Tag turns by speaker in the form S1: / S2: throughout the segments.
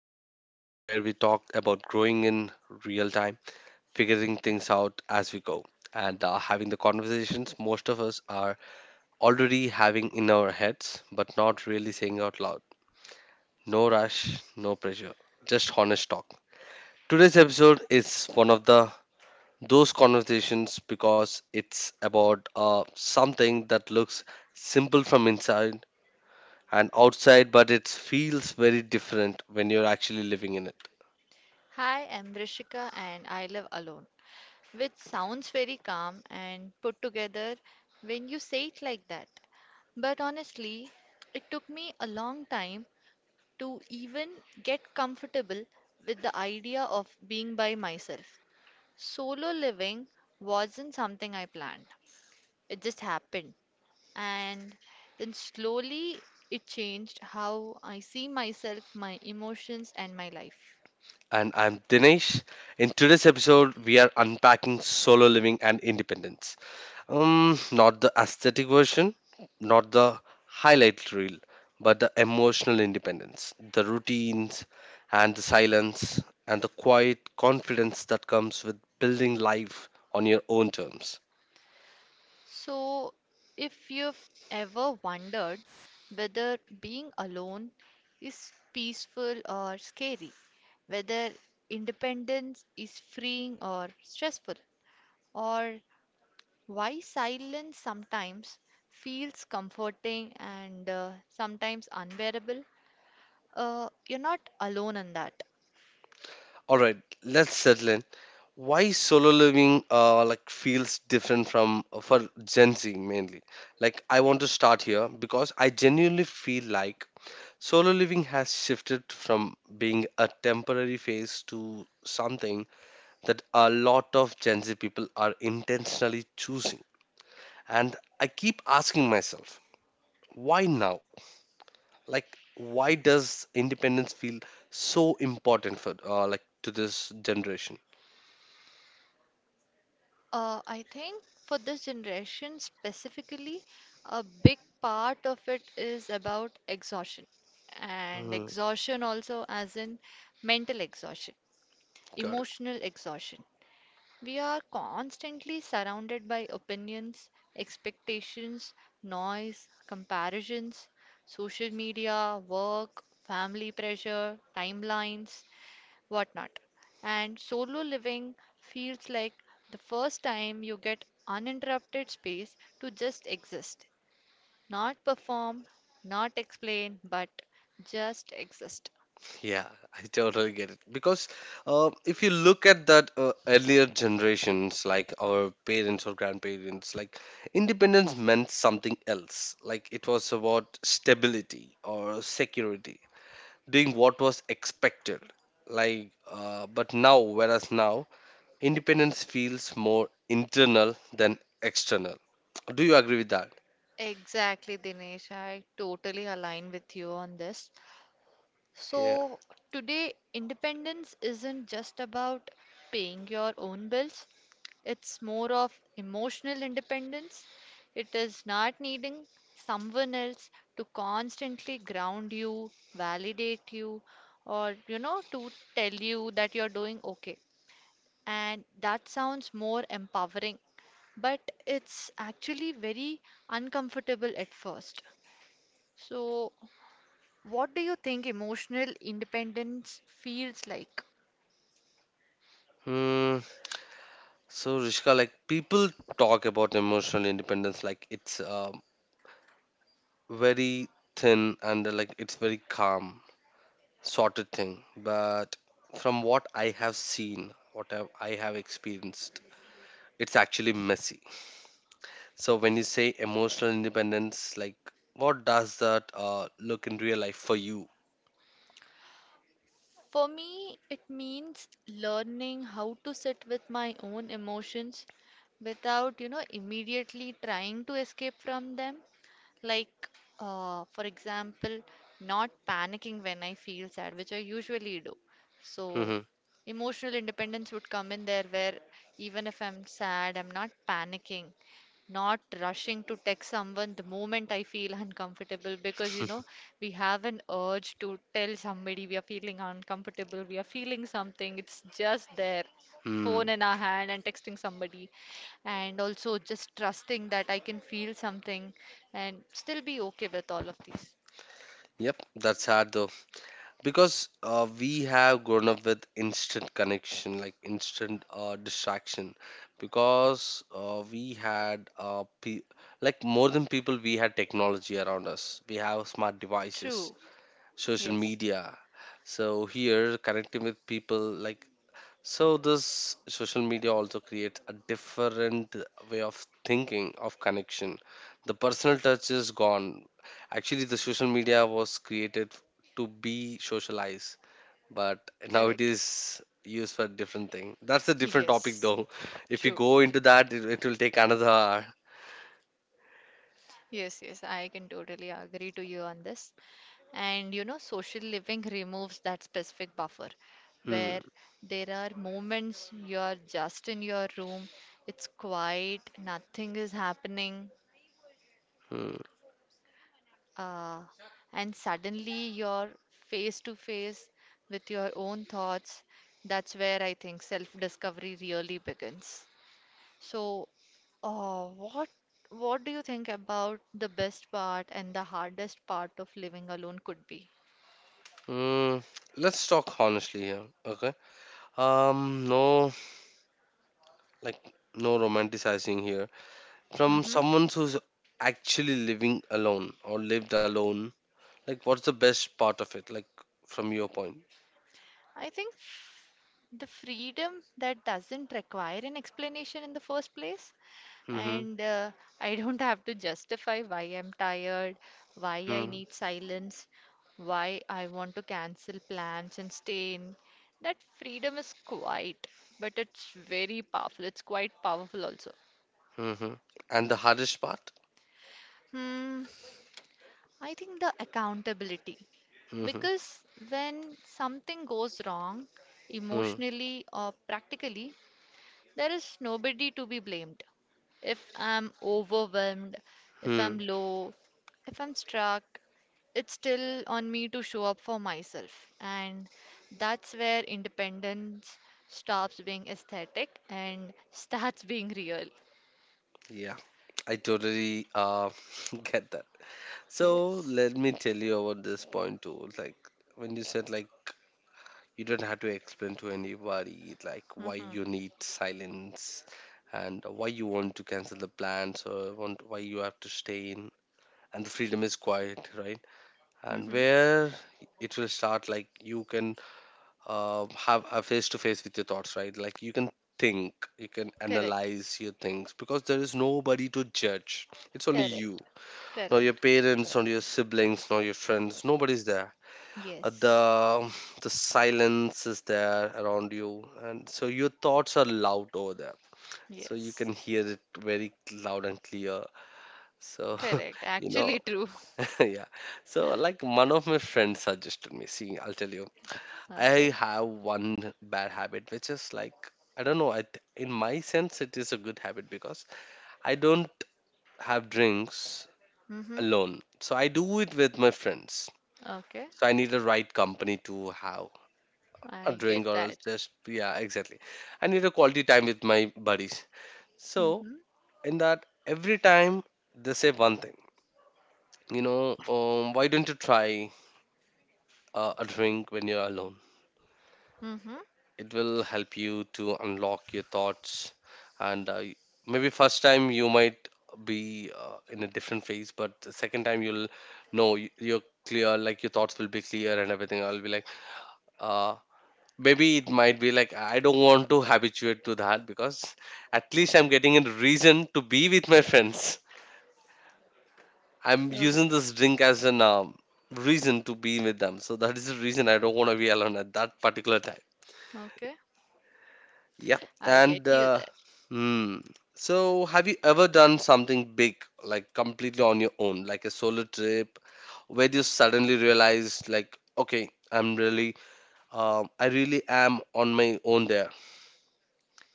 S1: the show where we talk about growing in real time, figuring things out as we go, and having the conversations most of us are already having in our heads, but not really saying out loud. No rush, no pressure, just honest talk. Today's episode is one of the those conversations because it's about something that looks simple from inside and outside, but it feels very different when you're actually living in it.
S2: Hi, I'm Rishika and I live alone, which sounds very calm and put together when you say it like that. But honestly, it took me a long time to even get comfortable with the idea of being by myself. Solo living wasn't something I planned, it just happened. And then slowly it changed how I see myself, my emotions, and my life.
S1: And I'm Dinesh. In today's episode, we are unpacking solo living and independence. Not the aesthetic version, not the highlight reel, but the emotional independence, the routines and the silence and the quiet confidence that comes with building life on your own terms.
S2: So, if you've ever wondered whether being alone is peaceful or scary, whether independence is freeing or stressful, or why silence sometimes feels comforting and sometimes unbearable, you're not alone in that.
S1: All right, let's settle in. Why solo living like feels different from for Gen Z mainly. Like I want to start here because I genuinely feel like solo living has shifted from being a temporary phase to something that a lot of Gen Z people are intentionally choosing. And I keep asking myself, why now? Like why does independence feel so important for like to this generation?
S2: I think for this generation specifically, a big part of it is about exhaustion. And exhaustion also, as in mental exhaustion,
S1: Got it.
S2: emotional exhaustion. We are constantly surrounded by opinions, expectations, noise, comparisons, social media, work, family pressure, timelines whatnot. And solo living feels like the first time you get uninterrupted space to just exist, not perform, not explain, but just exist.
S1: Yeah, I totally get it. Because if you look at that earlier generations, like our parents or grandparents, like independence meant something else. Like it was about stability or security, doing what was expected. Like, but now, whereas now, independence feels more internal than external. Do you agree with that?
S2: Exactly, Dinesh. I totally align with you on this.
S1: Yeah.
S2: So, today, independence isn't just about paying your own bills, it's more of emotional independence. It is not needing someone else to constantly ground you, validate you, or, you know, to tell you that you're doing okay. And that sounds more empowering, but it's actually very uncomfortable at first. So, what do you think emotional independence feels like?
S1: Hmm. So, Rishka, like people talk about emotional independence like it's very thin and like it's very calm sorted thing but from what I have seen, I have experienced it's actually messy. So when you say emotional independence, like what does that look in real life for you?
S2: For me, it means learning how to sit with my own emotions without, you know, immediately trying to escape from them. Like, for example, not panicking when I feel sad, which I usually do. So,
S1: Hmm.
S2: emotional independence would come in there where even if I'm sad, I'm not panicking, not rushing to text someone the moment I feel uncomfortable because, you know, we have an urge to tell somebody we are feeling uncomfortable, we are feeling something, it's just there, phone
S1: Hmm.
S2: in our hand and texting somebody and also just trusting that I can feel something and still be okay with all of these.
S1: Yep, that's hard though. Because we have grown up with instant connection, like instant distraction. Because we had like more than people, we had technology around us. We have smart devices,
S2: True.
S1: social
S2: Yes.
S1: media. So here connecting with people, like, so this social media also creates a different way of thinking of connection. The personal touch is gone. Actually the social media was created to be socialized, but now it
S2: Correct.
S1: is used for different thing. That's a different topic
S2: Yes.
S1: though. If you
S2: True.
S1: go into that, it will take another hour.
S2: Yes, yes, I can totally agree to you on this. And you know, social living removes that specific buffer
S1: Hmm.
S2: where there are moments you're just in your room, it's quiet, nothing is happening,
S1: Hmm.
S2: uh, and suddenly you're face to face with your own thoughts. That's where I think self-discovery really begins. So, uh, what what do you think about the best part and the hardest part of living alone could be?
S1: Mm, let's talk honestly here, okay? No, like, no romanticizing here from
S2: Mm-hmm.
S1: someone who's actually living alone or lived alone. Like what's the best part of it, like, from your point?
S2: I think the freedom that doesn't require an explanation in the first place,
S1: Mm-hmm.
S2: and I don't have to justify why I'm tired, why I
S1: Mm-hmm.
S2: need silence, why I want to cancel plans and stay in. That freedom is quiet, but it's very powerful. It's quite powerful also.
S1: Mm-hmm. And the hardest part?
S2: Hmm, I think the accountability.
S1: Mm-hmm.
S2: Because when something goes wrong,
S1: Mm-hmm.
S2: emotionally or practically, there is nobody to be blamed. If I'm overwhelmed, if
S1: Hmm.
S2: I'm low, if I'm struck, it's still on me to show up for myself. And that's where independence stops being aesthetic and starts being real.
S1: Yeah, I totally get that. So
S2: Yes.
S1: let me tell you about this point too. Like when you said like you don't have to explain to anybody like why
S2: Mm-hmm.
S1: you need silence and why you want to cancel the plans or want why you have to stay in, and the freedom is quiet, right? And
S2: Mm-hmm.
S1: where it will start like you can have a face to face with your thoughts, right? Like you can think, you can
S2: Correct.
S1: analyze your things because there is nobody to judge. It's only
S2: Correct.
S1: you, not your
S2: Correct.
S1: parents, not your siblings, not your friends. Nobody's there. Uh,
S2: Yes.
S1: the the silence is there around you, and so your thoughts are loud over there. So you
S2: Yes.
S1: can hear it very loud and clear. So
S2: Correct.
S1: you know,
S2: Actually true.
S1: yeah. So like one of my friends suggested me. See, I'll tell you I
S2: Okay.
S1: have one bad habit, which is like I don't know. In my sense, it is a good habit because I don't have drinks
S2: Mm-hmm.
S1: alone. So I do it with my friends.
S2: Okay.
S1: So I need the right company to have
S2: I
S1: a drink,
S2: get
S1: or else
S2: that.
S1: just yeah, exactly. I need a quality time with my buddies. So
S2: Mm-hmm.
S1: in that, every time they say one thing, why don't you try a drink when you're alone?
S2: Mm-hmm.
S1: It will help you to unlock your thoughts. And maybe first time you might be in a different phase, but the second time you'll know, you're clear. Like your thoughts will be clear and everything. I'll be like uh maybe it might be like I don't want to habituate to that, because at least I'm getting a reason to be with my friends. I'm
S2: Okay.
S1: using this drink as an reason to be with them. So that is the reason I don't want to be alone at that particular time.
S2: Okay.
S1: Yeah,
S2: I
S1: and
S2: get you there.
S1: hmm. So, have you ever done something big, like completely on your own, like a solo trip, where you suddenly realized, like, okay, I really am on my own there.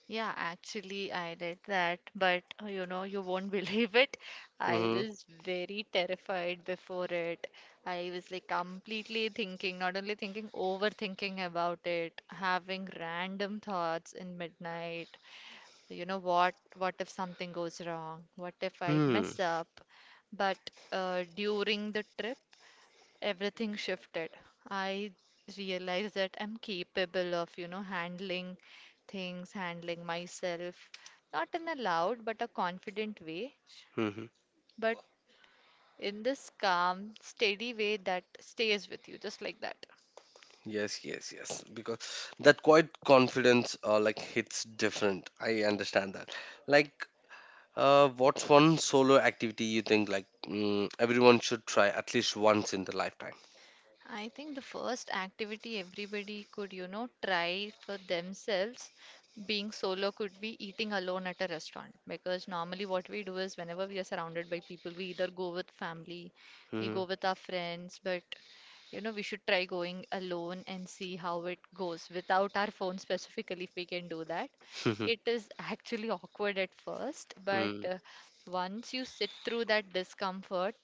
S2: Yeah, actually, I did that, but you know, you won't believe it. I
S1: Mm-hmm.
S2: was very terrified before it. I was like completely thinking, not only thinking, overthinking about it, having random thoughts in midnight. You know, what if something goes wrong? What if I
S1: Hmm.
S2: mess up? But during the trip, everything shifted. I realized that I'm capable of, you know, handling things, handling myself, not in a loud but a confident way,
S1: Mm-hmm.
S2: but in this calm, steady way that stays with you, just like that.
S1: Yes, yes, yes. Because that quite confidence, like hits different. I understand that. Like, what's one solo activity you think like everyone should try at least once in their lifetime?
S2: I think the first activity everybody could, you know, try for themselves being solo could be eating alone at a restaurant. Because normally, what we do is whenever we are surrounded by people, we either go with family, we
S1: Mm-hmm.
S2: go with our friends, but you know, we should try going alone and see how it goes without our phone specifically, if we can do that. It is actually awkward at first, but
S1: Mm,
S2: once you sit through that discomfort,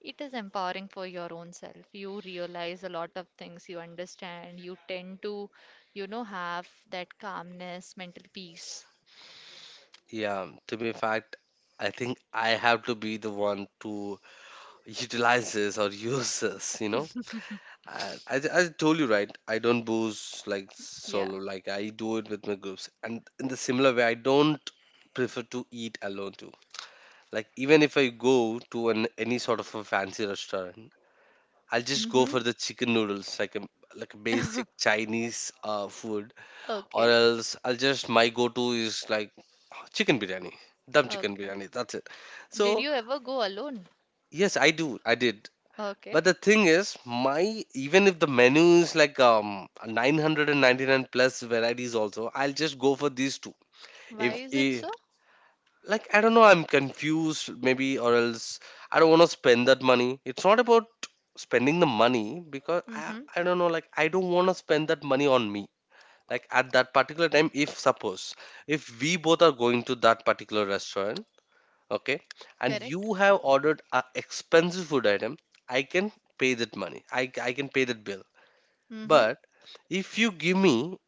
S2: it is empowering for your own self. You realize a lot of things, you understand, you tend to, you know, have that calmness, mental peace.
S1: yeah, to be fact, I think I have to be the one to utilize this or use this. And as I told you, right, I don't booze like
S2: Yeah.
S1: solo, like I do it with my groups. And in the similar way, I don't prefer to eat alone too. Like even if I go to an any sort of a fancy restaurant, I'll just go
S2: Mm-hmm.
S1: for the chicken noodles, like a basic Chinese food, or
S2: Okay.
S1: else I'll just my go-to is like chicken biryani, dum chicken
S2: Okay.
S1: biryani. That's it.
S2: Did
S1: So
S2: you ever go alone?
S1: yes, I do. I did.
S2: Okay.
S1: But the thing is, my even if the menu is like 999 plus varieties also, I'll just go for these two.
S2: Why
S1: If,
S2: is it
S1: if
S2: so?
S1: like I don't know, I'm confused maybe, or else I don't want to spend that money. It's not about spending the money because I
S2: Mm-hmm.
S1: I don't know, like I don't want to spend that money on me. Like at that particular time, if suppose if we both are going to that particular restaurant, okay, and
S2: Correct.
S1: you have ordered a expensive food item, I can pay that money. I can pay that bill.
S2: Mm-hmm.
S1: But if you give me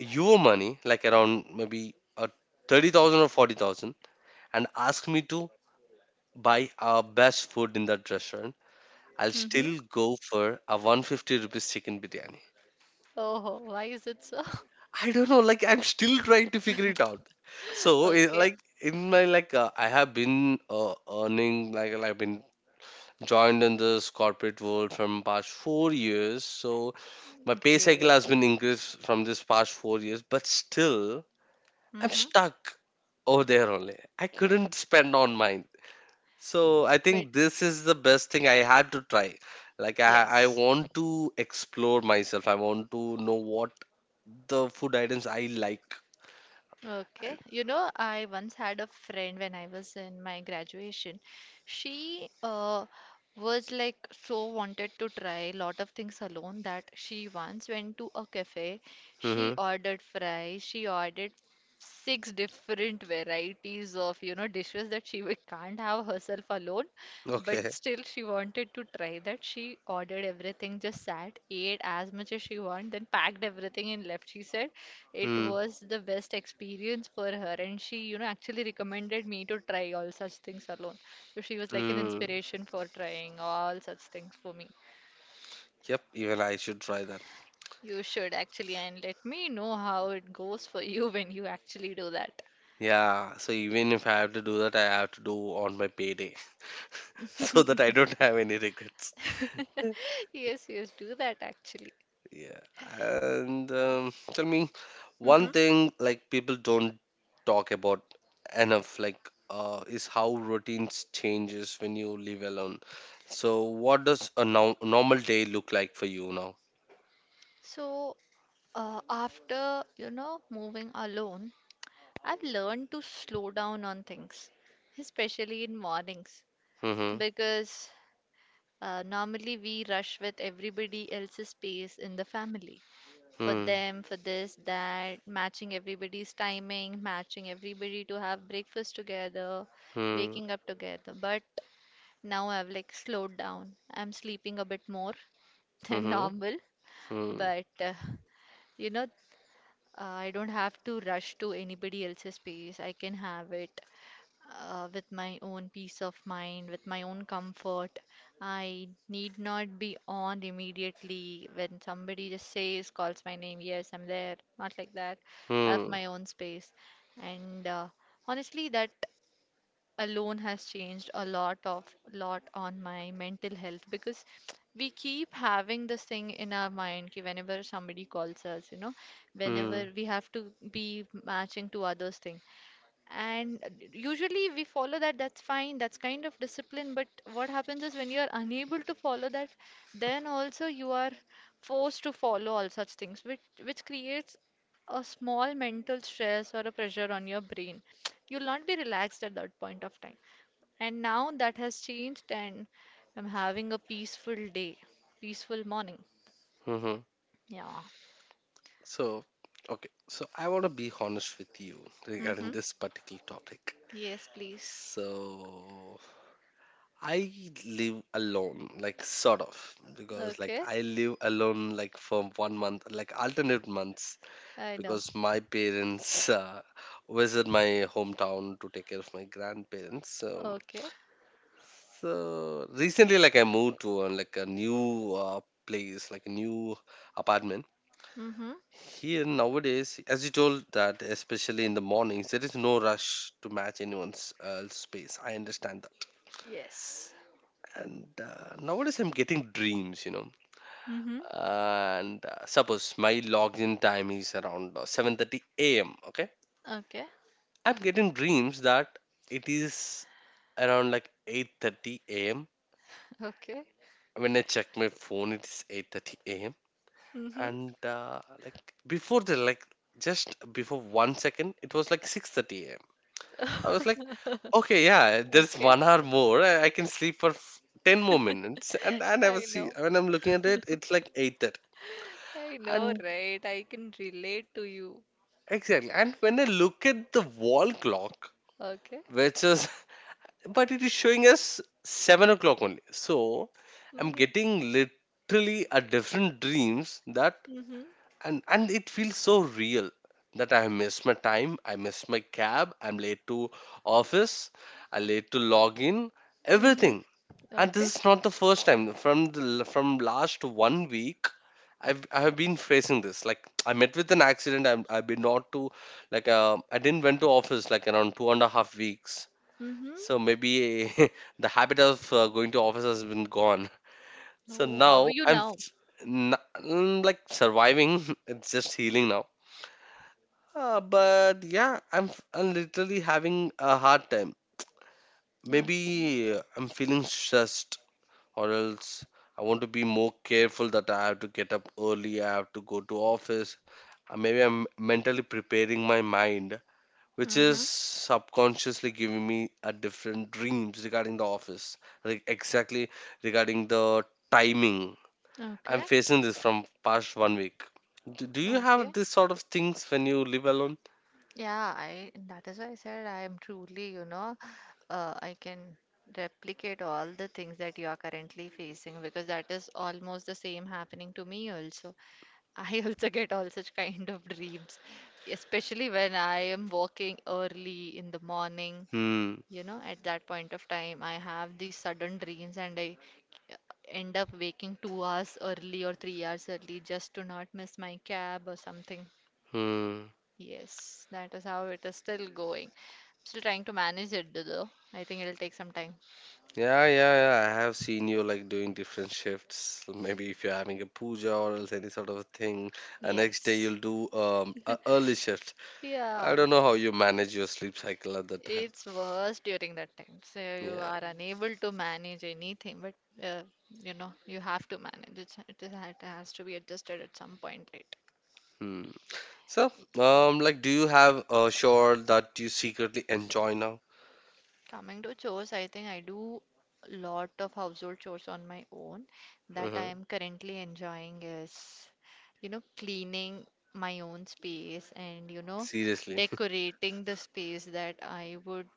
S1: your money like around maybe 30,000 or 40,000 and ask me to buy our best food in that restaurant, I'll
S2: Mm-hmm.
S1: still go for a 150 rupees chicken biryani.
S2: Oh, why is it so?
S1: I don't know. Like I'm still trying to figure it out. So
S2: Okay.
S1: like in my like I have been earning I've been joined in this corporate world from past 4 years. So my pay cycle has
S2: Great.
S1: been increased from this past 4 years, but still I'm
S2: Mm-hmm.
S1: stuck over there only. I couldn't spend on mine. So I
S2: But
S1: think this is the best thing I had to try. Like I
S2: yes.
S1: want to explore myself. I want to know what the food items I like.
S2: Okay. You know, I once had a friend when I was in my graduation. She was like so wanted to try a lot of things alone that she once went to a cafe. She ordered fries. She ordered six different varieties of, you know, dishes that she can't have herself alone. But
S1: Okay.
S2: still, she wanted to try that. She ordered everything, just sat, ate as much as she wanted, then packed everything and left, she said. It
S1: Hmm.
S2: was the best experience for her, and she, you know, actually recommended me to try all such things alone. So she was like an
S1: Hmm.
S2: inspiration for trying all such things for me.
S1: Yep. Even I should try that.
S2: You should actually, and let me know how it goes for you when you actually do that.
S1: Yeah. So even if I have to do that, I have to do on my payday so that I don't have any regrets.
S2: Yes, yes, do that actually.
S1: Yeah. And tell me
S2: Hmm.
S1: one thing like people don't talk about enough, like is how routines changes when you live alone. So what does a no normal day look like for you now?
S2: So, after, you know, moving alone, I've learned to slow down on things, especially in mornings,
S1: Mm-hmm.
S2: because normally, we rush with everybody else's pace in the family. For
S1: Hmm.
S2: them, for this, that, matching everybody's timing, matching everybody to have breakfast together,
S1: Hmm.
S2: waking up together. But now I've like slowed down. I'm sleeping a bit more than
S1: Hmm.
S2: normal,
S1: Hmm.
S2: but you know, I don't have to rush to anybody else's pace. I can have it with my own peace of mind, with my own comfort. I need not be on immediately when somebody just says, calls my name, yes, I'm there. Not like that. I have
S1: Hmm.
S2: my own space. And honestly, that alone has changed a lot on my mental health because we keep having this thing in our mind ki whenever somebody calls us you know whenever
S1: Hmm.
S2: we have to be matching to others things and usually we follow that, that's fine, that's kind of discipline. But what happens is when you are unable to follow that, then also you are forced to follow all such things, which creates a small mental stress or a pressure on your brain. You'll not be relaxed at that point of time. And now that has changed, and I'm having a peaceful day, peaceful morning.
S1: Hmm.
S2: Yeah.
S1: So, okay. So, I want to be honest with you
S2: Mm-hmm.
S1: regarding this particular topic.
S2: Yes, please.
S1: So, I live alone, like sort of, because like
S2: Okay.
S1: I live alone like for 1 month, like alternate months,
S2: I know.
S1: because my parents visit my hometown to take care of my grandparents. So,
S2: Okay.
S1: so recently, like I moved to like a new place, like a new apartment.
S2: Mm-hmm.
S1: Here nowadays, as you told that, especially in the mornings, there is no rush to match anyone's space. I understand that.
S2: Yes.
S1: And nowadays, I'm getting dreams.
S2: Mm-hmm.
S1: And suppose my login time is around 7:30 a.m. Okay,
S2: Okay.
S1: I'm getting dreams that it is around like 8:30 a.m.
S2: Okay.
S1: When I check my phone, it is 8:30 a.m.
S2: Mm-hmm.
S1: And like before the like just before 1 second, it was like 6:30. I was like, okay, yeah, there's
S2: Okay.
S1: 1 hour more. I can sleep for 10 more minutes. And I
S2: I
S1: was see
S2: know.
S1: when I'm looking at it, it's like 8:30.
S2: I know,
S1: And
S2: right? I can relate to you.
S1: exactly. And when I look at the wall clock,
S2: Okay.
S1: which is but it is showing us 7 o'clock only. So I'm
S2: Mm-hmm.
S1: getting literally a different dreams that
S2: Mm-hmm.
S1: and it feels so real that I have missed my time, I missed my cab, I'm late to office, I late to log in,
S2: Mm-hmm.
S1: everything. And
S2: Okay.
S1: this is not the first time. From last 1 week, I have been facing this. Like I met with an accident. I'm, I didn't went to office like around 2.5 weeks.
S2: Mm-hmm.
S1: So maybe the habit of going to office has been gone. So
S2: Oh, how are
S1: now
S2: you
S1: I'm
S2: now?
S1: f- n- mm, like surviving. It's just healing now. But yeah, I'm literally having a hard time.
S2: Okay.
S1: Maybe I'm feeling stressed, or else I want to be more careful that I have to get up early, I have to go to office. Maybe I'm mentally preparing my mind, which is
S2: Mm-hmm.
S1: subconsciously giving me a different dreams regarding the office, like exactly regarding the timing. I'm
S2: Okay.
S1: facing this from past 1 week. Do you
S2: Okay.
S1: have this sort of things when you live alone?
S2: Yeah, I that is why I said I am truly, you know, I can replicate all the things that you are currently facing because that is almost the same happening to me also. I also get all such kind of dreams, especially when I am walking early in the morning.
S1: Hmm.
S2: You know, at that point of time, I have these sudden dreams and I end up waking 2 hours early or 3 hours early just to not miss my cab or something.
S1: Hmm.
S2: Yes, that is how it is still going. Still trying to manage it though. I think it'll take some time.
S1: Yeah, yeah, yeah. I have seen you like doing different shifts. Maybe if you're having a puja or else any sort of a thing, and next day
S2: Yes.
S1: you'll do a early shift. I
S2: Yeah.
S1: don't know how you manage your sleep cycle at that time.
S2: It's worse during that time. So you
S1: Yeah.
S2: are unable to manage anything, but uh, you know, you have to manage. It has to be adjusted at some point, right?
S1: Hmm. So, like, do you have a chore that you secretly enjoy now?
S2: Coming to chores, I think I do lot of household chores on my own that I
S1: Hmm.
S2: am currently enjoying is, you know, cleaning my own space and, you know,
S1: Seriously.
S2: decorating the space that I would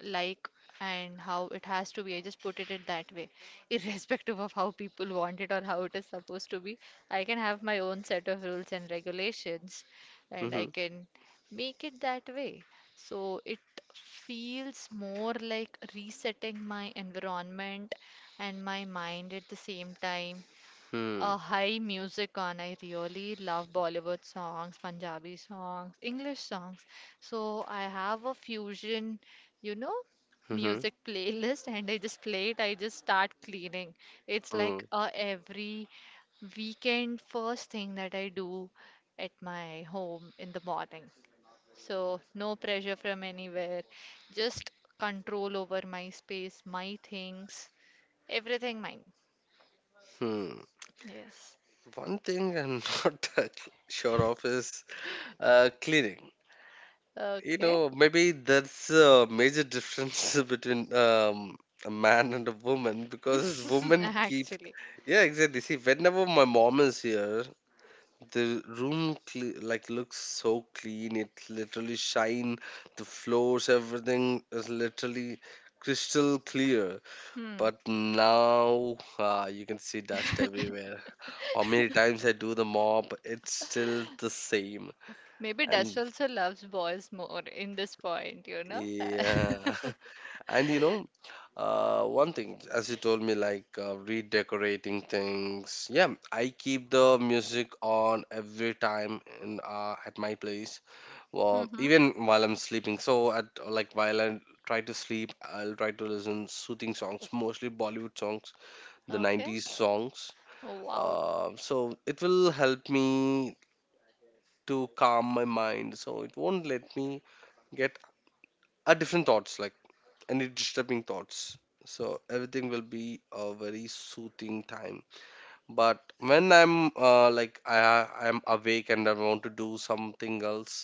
S2: like and how it has to be. I just put it in that way, irrespective of how people want it or how it is supposed to be. I can have my own set of rules and regulations, and I
S1: hmm.
S2: can make it that way. So it feels more like resetting my environment and my mind at the same time a
S1: Hmm.
S2: high music on. I really love Bollywood songs, Punjabi songs, English songs. So I have a fusion, you know,
S1: Hmm.
S2: music playlist and I just play it. I just start cleaning. It's
S1: Hmm.
S2: like a every weekend first thing that I do at my home in the morning. So no pressure from anywhere. Just control over my space, my things, everything mine.
S1: Hmm.
S2: Yes.
S1: One thing I'm not that sure of is cleaning. You
S2: Okay.
S1: know, maybe that's a major difference between a man and a woman because women keep.
S2: Actually,
S1: Yeah, exactly. See, whenever my mom is here, the room cle like looks so clean. It literally shine. The floors, everything is literally crystal clear.
S2: hmm.
S1: But now, you can see dust everywhere. How many times I do the mop, it's still the same.
S2: Maybe
S1: And
S2: Dust also loves boys more in this point, you know?
S1: yeah. And you know, one thing, as you told me, like redecorating things. Yeah, I keep the music on every time in at my place, well,
S2: Mm-hmm.
S1: even while I'm sleeping. So at like while I try to sleep, I'll try to listen soothing songs, mostly Bollywood songs, the
S2: Okay.
S1: '90s songs.
S2: Oh, wow.
S1: So it will help me to calm my mind. So it won't let me get a different thoughts like any disturbing thoughts. So everything will be a very soothing time. But when I'm like I'm awake and I want to do something else,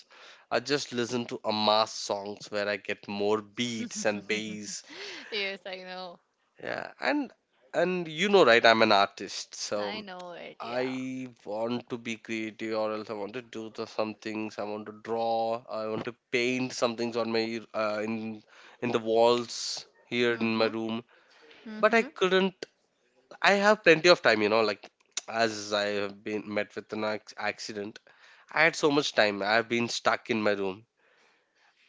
S1: I just listen to Amas songs where I get more beats and bass.
S2: Yes, I know.
S1: Yeah, and you know, right? I'm an artist,
S2: I
S1: so
S2: know it. Yeah.
S1: I want to be creative, or else I want to do the, some things. I want to draw. I want to paint some things on my uh, in in the walls here in my
S2: Mm-hmm.
S1: room but I
S2: Mm-hmm.
S1: couldn't. I have plenty of time, you know, like as I have been met with an accident, I had so much time. I've been stuck in my room.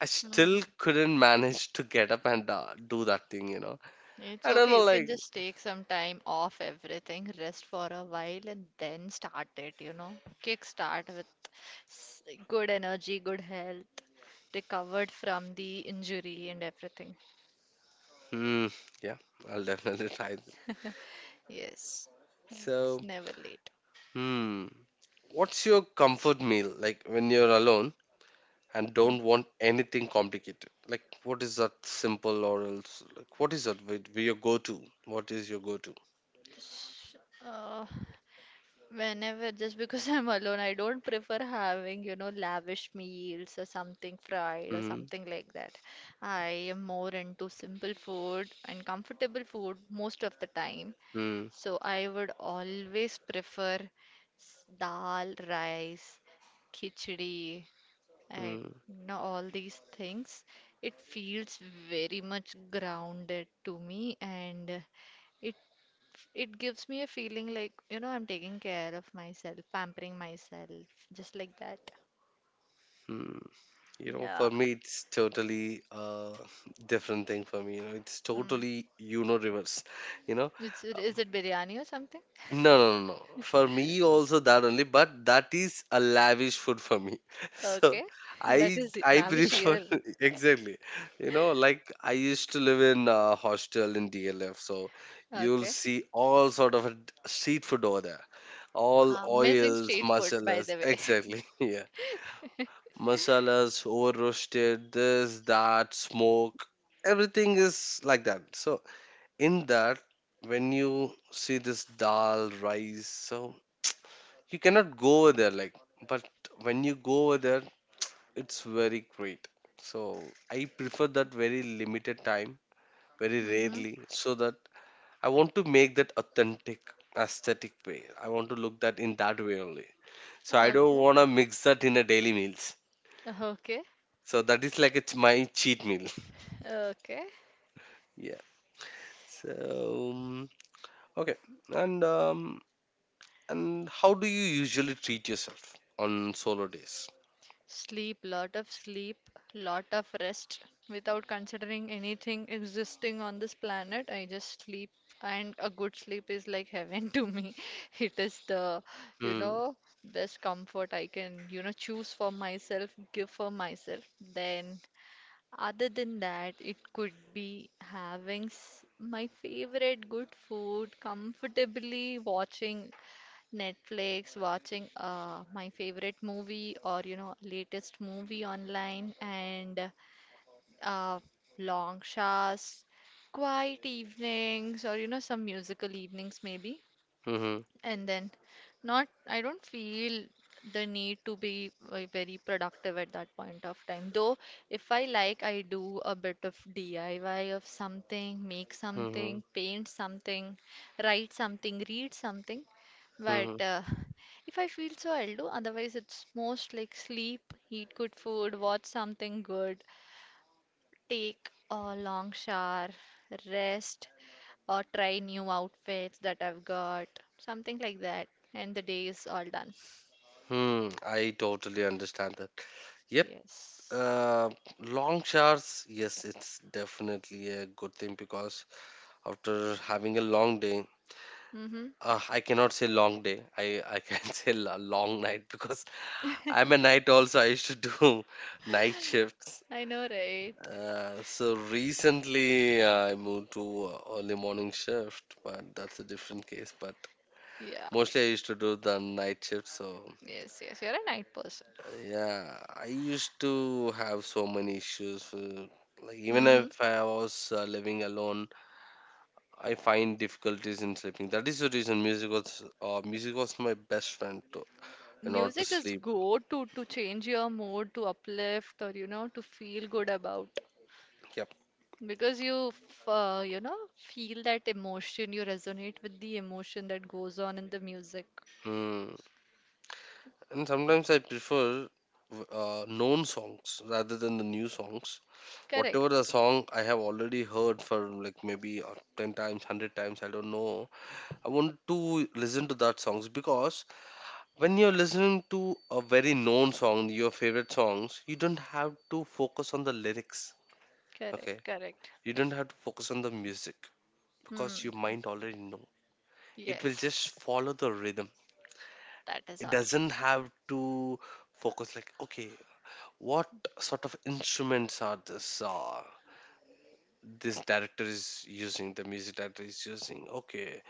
S1: I still
S2: Mm-hmm.
S1: couldn't manage to get up and do that thing, you know.
S2: It's
S1: I don't
S2: okay.
S1: know,
S2: You can
S1: like,
S2: just take some time off everything, rest for a while, and then start it, you know? Kick start with good energy, good health, recovered from the injury and everything.
S1: hmm, yeah, I'll definitely try. It.
S2: Yes. It's
S1: So,
S2: never late.
S1: hmm, what's your comfort meal like when you're alone and
S2: Mm.
S1: don't want anything complicated? Like, what is that simple or else? Like, what is that? Your go-to? What is your go-to?
S2: Sh- Uh, Whenever, just because I'm alone, I don't prefer having lavish meals or something fried or
S1: Hmm,
S2: something like that. I am more into simple food and comfortable food most of the time.
S1: hmm,
S2: So I would always prefer dal, rice, khichdi, and
S1: hmm.
S2: you know, all these things. It feels very much grounded to me, and it It gives me a feeling like I'm taking care of myself, pampering myself, just like that.
S1: Hmm. You know,
S2: Yeah.
S1: for me, it's totally different thing for me. You know, it's
S2: Mm.
S1: totally universe. You know,
S2: Is
S1: Uh,
S2: it biryani or something?
S1: no, no, no, no. For me, also that only, but that is a lavish food for me. So
S2: Okay. That is
S1: I
S2: lavish
S1: prefer
S2: here.
S1: exactly. You know, like I used to live in a hostel in DLF, so you'll
S2: Okay.
S1: see all sort of a street food over there, all
S2: Amazing
S1: oils,
S2: street food, by
S1: masalas.
S2: the way.
S1: Exactly. Yeah masalas over roasted, this, that, smoke. Everything is like that. So in that, when you see this dal, rice, so you cannot go over there like but when you go over there, it's very great. So I prefer that very limited time, very
S2: Mm-hmm.
S1: rarely, so that I want to make that authentic aesthetic way. I want to look that in that way only. So I don't
S2: Okay.
S1: want to mix that in a daily meals.
S2: Okay.
S1: So that is like it's my cheat meal.
S2: Okay.
S1: Yeah. So okay, and um, and how do you usually treat yourself on solo days?
S2: Sleep, lot of rest without considering anything existing on this planet. I just sleep, and a good sleep is like heaven to me. It is the, you
S1: Hmm.
S2: know, best comfort I can choose for myself, give for myself. Then, other than that, it could be having my favorite good food, comfortably watching Netflix, watching my favorite movie or latest movie online, and uh, long showers, quiet evenings, or some musical evenings maybe.
S1: Hmm.
S2: And then not I don't feel the need to be very productive at that point of time, though if I, like, I do a bit of DIY of something, make
S1: Hmm.
S2: something, paint something, write something, read something,
S1: Hmm.
S2: but if I feel so, I'll do. Otherwise, it's most like sleep, eat good food, watch something good, take a long shower, rest, or try new outfits that I've got, something like that, and the day is all done.
S1: Hmm. I totally understand that. Yep.
S2: Yes.
S1: Uh, Long showers. Yes, it's definitely a good thing because after having a long day,
S2: Mm-hmm.
S1: I cannot say long day. I can say a long night because I'm a night also. I used to do night shifts.
S2: I know, right?
S1: So recently I moved to early morning shift, but that's a different case. But
S2: Yeah.
S1: mostly I used to do the night shift. So
S2: Yes, yes. You're a night person.
S1: yeah, I used to have so many issues. Like even
S2: Mm-hmm.
S1: if I was living alone, I find difficulties in sleeping. That is the reason music was my best friend to in order to
S2: Music is
S1: sleep.
S2: good to change your mood, to uplift, or to feel good about.
S1: Yep.
S2: Because you feel that emotion, you resonate with the emotion that goes on in the music.
S1: Mm. And sometimes I prefer known songs rather than the new songs
S2: Correct,
S1: whatever the song I have already heard for like maybe 10 times, 100 times, I don't know. I want to listen to that songs because when you're listening to a very known song, your favorite songs, you don't have to focus on the lyrics. Okay.
S2: correct, correct.
S1: You don't have to focus on the music because your
S2: Hmm.
S1: mind already know. It will
S2: Yes,
S1: just follow the rhythm.
S2: that is
S1: It
S2: all.
S1: doesn't have to focus like, okay, what sort of instruments are this? This director is using the music director is using okay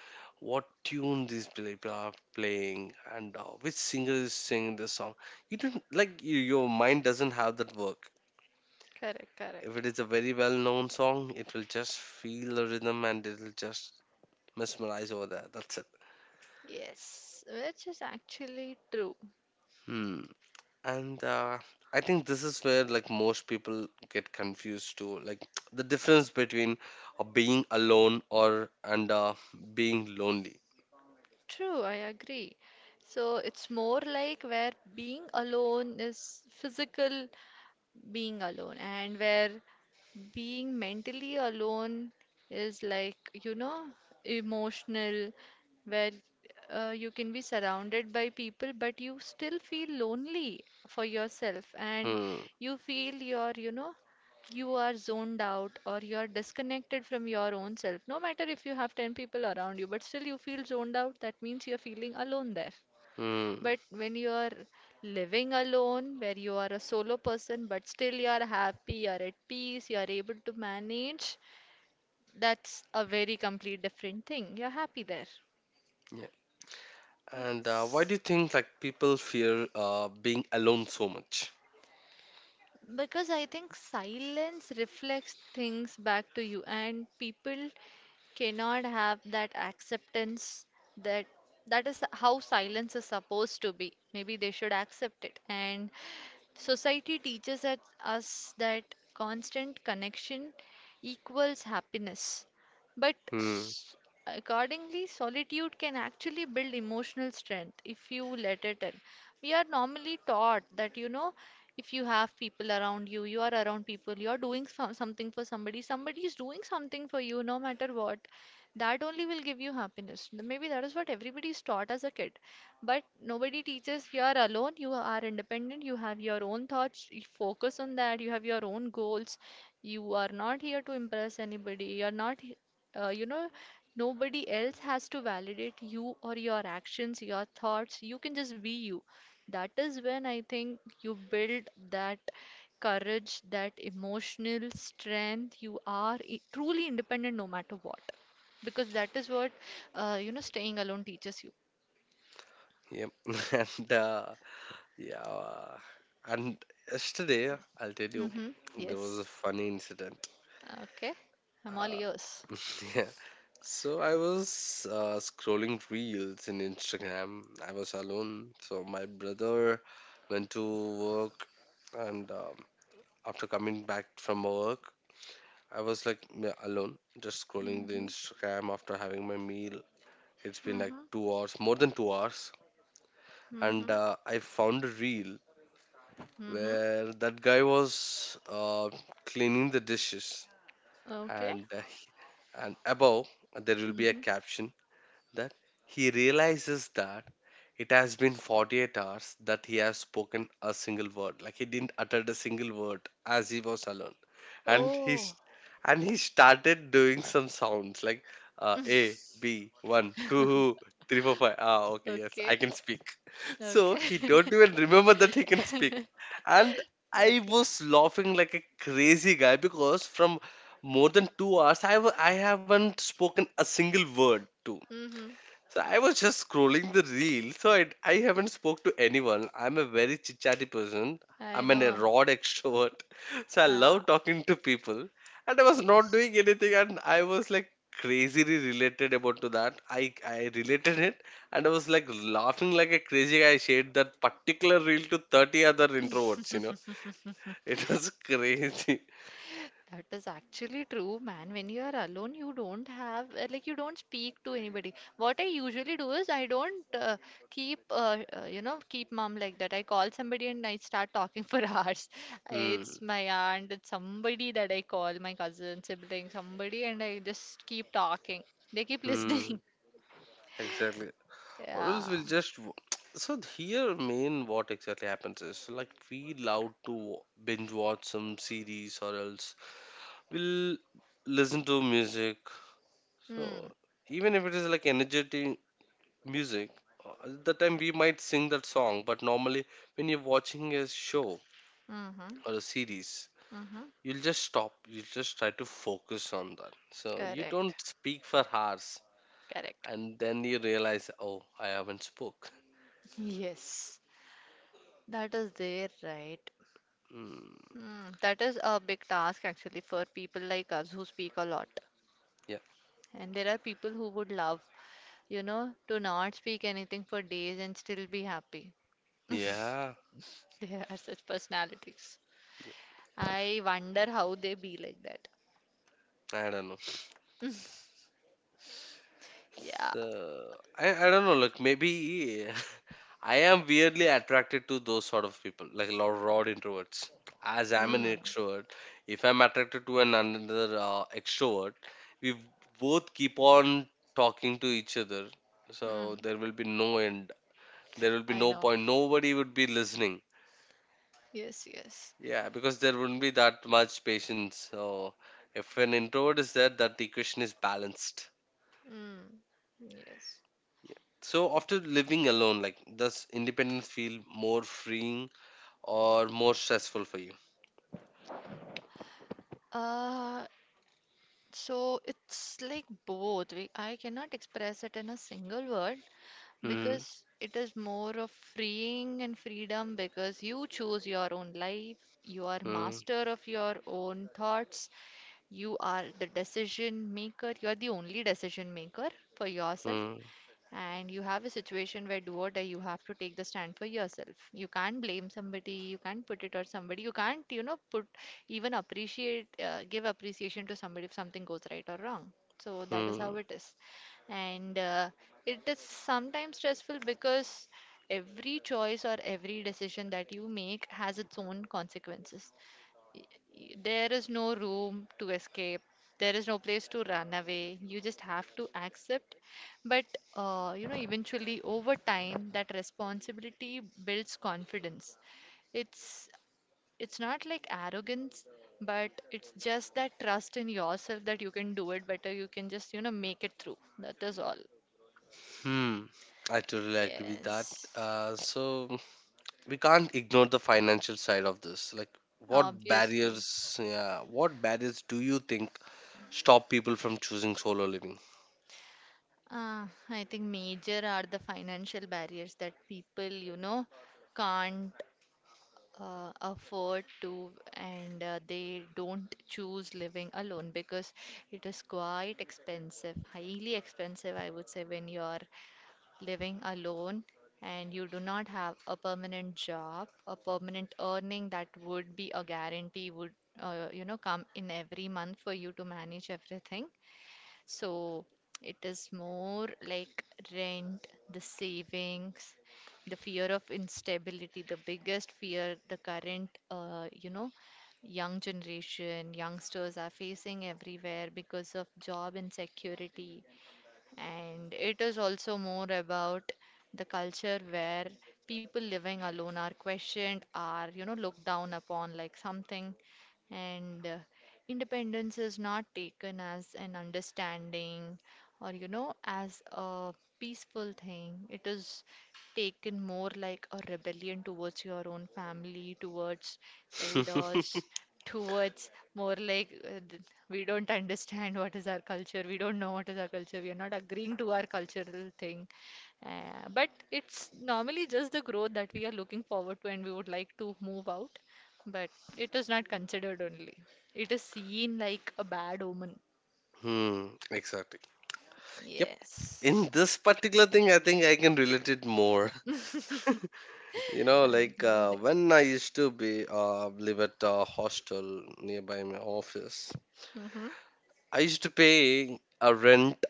S1: what tune these people are playing and which singer is singing the song you don't like you, your mind doesn't have that work
S2: Correct,
S1: if
S2: correct.
S1: it is a very well known song it will just feel the rhythm and it will just mesmerize over there that's it.
S2: Yes, which is actually true.
S1: Hmm. And I think this is where like most people get confused too like the difference between being alone or and being lonely.
S2: True, I agree. So it's more like where being alone is physical being alone, and where being mentally alone is like you know emotional, where you can be surrounded by people but you still feel lonely for yourself, and
S1: Hmm.
S2: you feel you're you know you are zoned out, or you're disconnected from your own self. No matter if you have 10 people around you, but still you feel zoned out, that means you're feeling alone there.
S1: Hmm.
S2: But when you are living alone, where you are a solo person, but still you are happy, you are at peace, you are able to manage, that's a very complete different thing. You're happy there.
S1: Yeah. And why do you think like people fear being alone so much?
S2: Because I think silence reflects things back to you, and people cannot have that acceptance that that is how silence is supposed to be. Maybe they should accept it. And society teaches us that constant connection equals happiness, but
S1: Hmm.
S2: accordingly, solitude can actually build emotional strength if you let it in. We are normally taught that, if you have people around you, you are around people, you are doing something for somebody, somebody is doing something for you, no matter what, that only will give you happiness. Maybe that is what everybody is taught as a kid. But nobody teaches you are alone, you are independent, you have your own thoughts, you focus on that, you have your own goals. You are not here to impress anybody. You are not, uh, you know, nobody else has to validate you or your actions, your thoughts. You can just be you. That is when I think you build that courage, that emotional strength. You are truly independent no matter what, because that is what, staying alone teaches you.
S1: Yep. And yeah. And yesterday, I'll tell you,
S2: Hmm.
S1: there was
S2: Yes.
S1: a funny incident.
S2: Okay, I'm all
S1: Uh,
S2: yours.
S1: yeah. So I was scrolling reels in Instagram. I was alone. So my brother went to work, and after coming back from work, I was like alone, just scrolling the
S2: Mm-hmm.
S1: Instagram after having my meal. It's been like
S2: Mm-hmm.
S1: 2 hours, more than 2 hours, and
S2: Mm-hmm.
S1: I found a reel
S2: Mm-hmm.
S1: where that guy was cleaning the dishes,
S2: Okay.
S1: and and above there will be a
S2: Mm-hmm.
S1: caption that he realizes that it has been 48 hours that he has spoken a single word. Like he didn't utter a single word as he was alone. And he's
S2: Oh.
S1: and he started doing some sounds like A, B, one, 2, 3, 4, 5 Ah, okay, yes,
S2: Okay.
S1: I can speak. So
S2: Okay.
S1: he don't even remember that he can speak. And I
S2: Okay.
S1: was laughing like a crazy guy because from more than 2 hours, I haven't spoken a single word too.
S2: Mm-hmm.
S1: So I was just scrolling the reel. So I haven't spoke to anyone. I'm a very chit chatty person.
S2: I
S1: I'm an a
S2: know.
S1: rod extrovert. So I
S2: Ah,
S1: love talking to people. And I was not
S2: yes.
S1: doing anything, and I was like crazily related about to that. I related it, and I was like laughing like a crazy guy. I shared that particular reel to 30 other introverts. You know, it was crazy.
S2: That is actually true, man. When you are alone, you don't have, like, you don't speak to anybody. What I usually do is I don't keep mum like that. I call somebody and I start talking for hours. It's
S1: Hmm.
S2: my aunt, it's somebody that I call, my cousin, sibling, somebody, and I just keep talking. They keep
S1: Hmm.
S2: listening.
S1: Exactly. Or else
S2: Yeah.
S1: we'll just so here main what exactly happens is like we allowed to binge watch some series or else we'll listen to music so
S2: Hmm.
S1: even if it is like energetic music, at the time we might sing that song but normally when you're watching a show
S2: Mm-hmm.
S1: or a series
S2: Mm-hmm.
S1: you'll just stop you'll just try to focus on that so you
S2: Correct.
S1: don't speak for hours
S2: Correct.
S1: and then you realize oh I haven't spoke.
S2: Yes. That is there, right?
S1: Mm,
S2: Hmm, that is a big task actually for people like us who speak a lot.
S1: yeah.
S2: And there are people who would love, to not speak anything for days and still be happy.
S1: Yeah,
S2: There are such personalities. I wonder how they be like that.
S1: I don't know.
S2: Yeah.
S1: So I don't know. Like maybe I am weirdly attracted to those sort of people, like raw introverts. As I'm an
S2: Mm,
S1: extrovert, if I'm attracted to an another extrovert, we both keep on talking to each other. So
S2: mm,
S1: there will be no end. There will be
S2: I
S1: no
S2: know.
S1: point. Nobody would be listening.
S2: Yes, yes.
S1: Yeah, because there wouldn't be that much patience. So if an introvert is there, that equation is balanced.
S2: Mm, yes.
S1: So after living alone, like does independence feel more freeing or more stressful for you?
S2: Uh, so it's like both. I cannot express it in a single word.
S1: Hmm.
S2: Because it is more of freeing and freedom because you choose your own life, you are
S1: Hmm.
S2: master of your own thoughts, you are the decision maker, you are the only decision maker for yourself,
S1: Hmm.
S2: and you have a situation where, do or die, you have to take the stand for yourself. You can't blame somebody, you can't put it on somebody, you can't, put even appreciate give appreciation to somebody if something goes right or wrong. So that is
S1: Hmm.
S2: how it is. And it is sometimes stressful because every choice or every decision that you make has its own consequences. There is no room to escape. There is no place to run away. You just have to accept. But eventually, over time, that responsibility builds confidence. It's not like arrogance, but it's just that trust in yourself that you can do it better. You can just make it through. That is all.
S1: Hmm. I totally agree with that.
S2: Yes,
S1: So we can't ignore the financial side of this. Like, what
S2: obviously.
S1: barriers? Yeah, what barriers do you think stop people from choosing solo living?
S2: I think major are the financial barriers that people, can't afford to, and they don't choose living alone because it is quite expensive, highly expensive, I would say, when you're living alone and you do not have a permanent job, a permanent earning that would be a guarantee, would come in every month for you to manage everything. So it is more like rent, the savings, the fear of instability, the biggest fear the current, young generation, youngsters are facing everywhere because of job insecurity. And it is also more about the culture where people living alone are questioned, are, looked down upon like something. And independence is not taken as an understanding, or, as a peaceful thing. It is taken more like a rebellion towards your own family, towards elders, towards more like we don't understand what is our culture, we don't know what is our culture, we are not agreeing to our cultural thing. But it's normally just the growth that we are looking forward to, and we would like to move out, but it is not considered only. It is seen like a bad omen.
S1: Hmm. Exactly. Yep.
S2: Yes.
S1: In this particular thing, I think I can relate it more. You know,
S2: I
S1: like
S2: know, right.
S1: when I used to be live at a hostel nearby my office,
S2: Mm-hmm.
S1: I used to pay a rent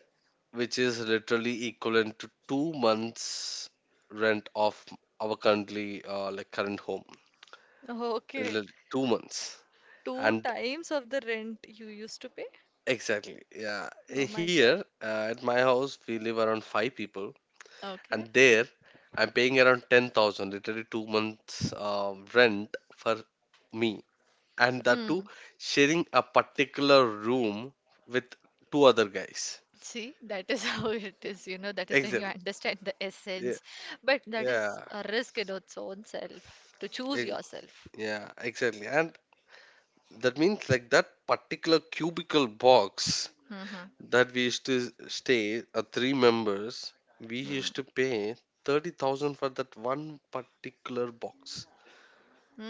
S1: which is literally equivalent to 2 months' rent of our currently like current home.
S2: Okay.
S1: 2 months,
S2: Two
S1: and
S2: times of the rent you used to pay?
S1: exactly, yeah.
S2: Oh my God.
S1: Here, at my house, we live around five people,
S2: Okay.
S1: and there I'm paying around 10,000, literally 2 months rent for me, and that too
S2: Hmm.
S1: sharing a particular room with two other guys.
S2: See, that is how it is, that is when you
S1: Exactly.
S2: understand the
S1: Yeah.
S2: essence. But that is
S1: Yeah.
S2: a risk in its own self to choose
S1: ex-
S2: yourself.
S1: Yeah. Exactly. And that means, like, that particular cubicle box
S2: Mm-hmm.
S1: that we used to stay, three members, we
S2: Mm-hmm.
S1: used to pay 30,000 for that one particular box.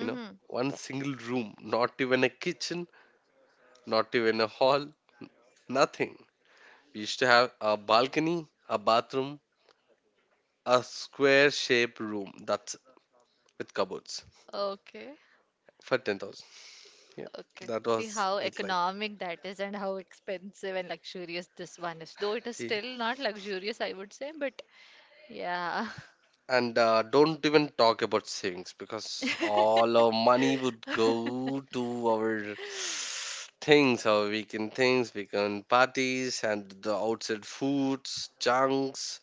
S1: You know, one single room, not even a kitchen, not even a hall, nothing. We used to have a balcony, a bathroom, a square shaped room that's with cupboards
S2: Okay.
S1: for 10,000. Yeah,
S2: Okay.
S1: that
S2: See
S1: was
S2: how
S1: it. Like,
S2: economic that is, and how expensive and luxurious this one is. Though it is
S1: yeah.
S2: still not luxurious, I would say, but yeah.
S1: And don't even talk about savings, because all our money would go to our things, our weekend things, weekend parties, and the outside foods, junks,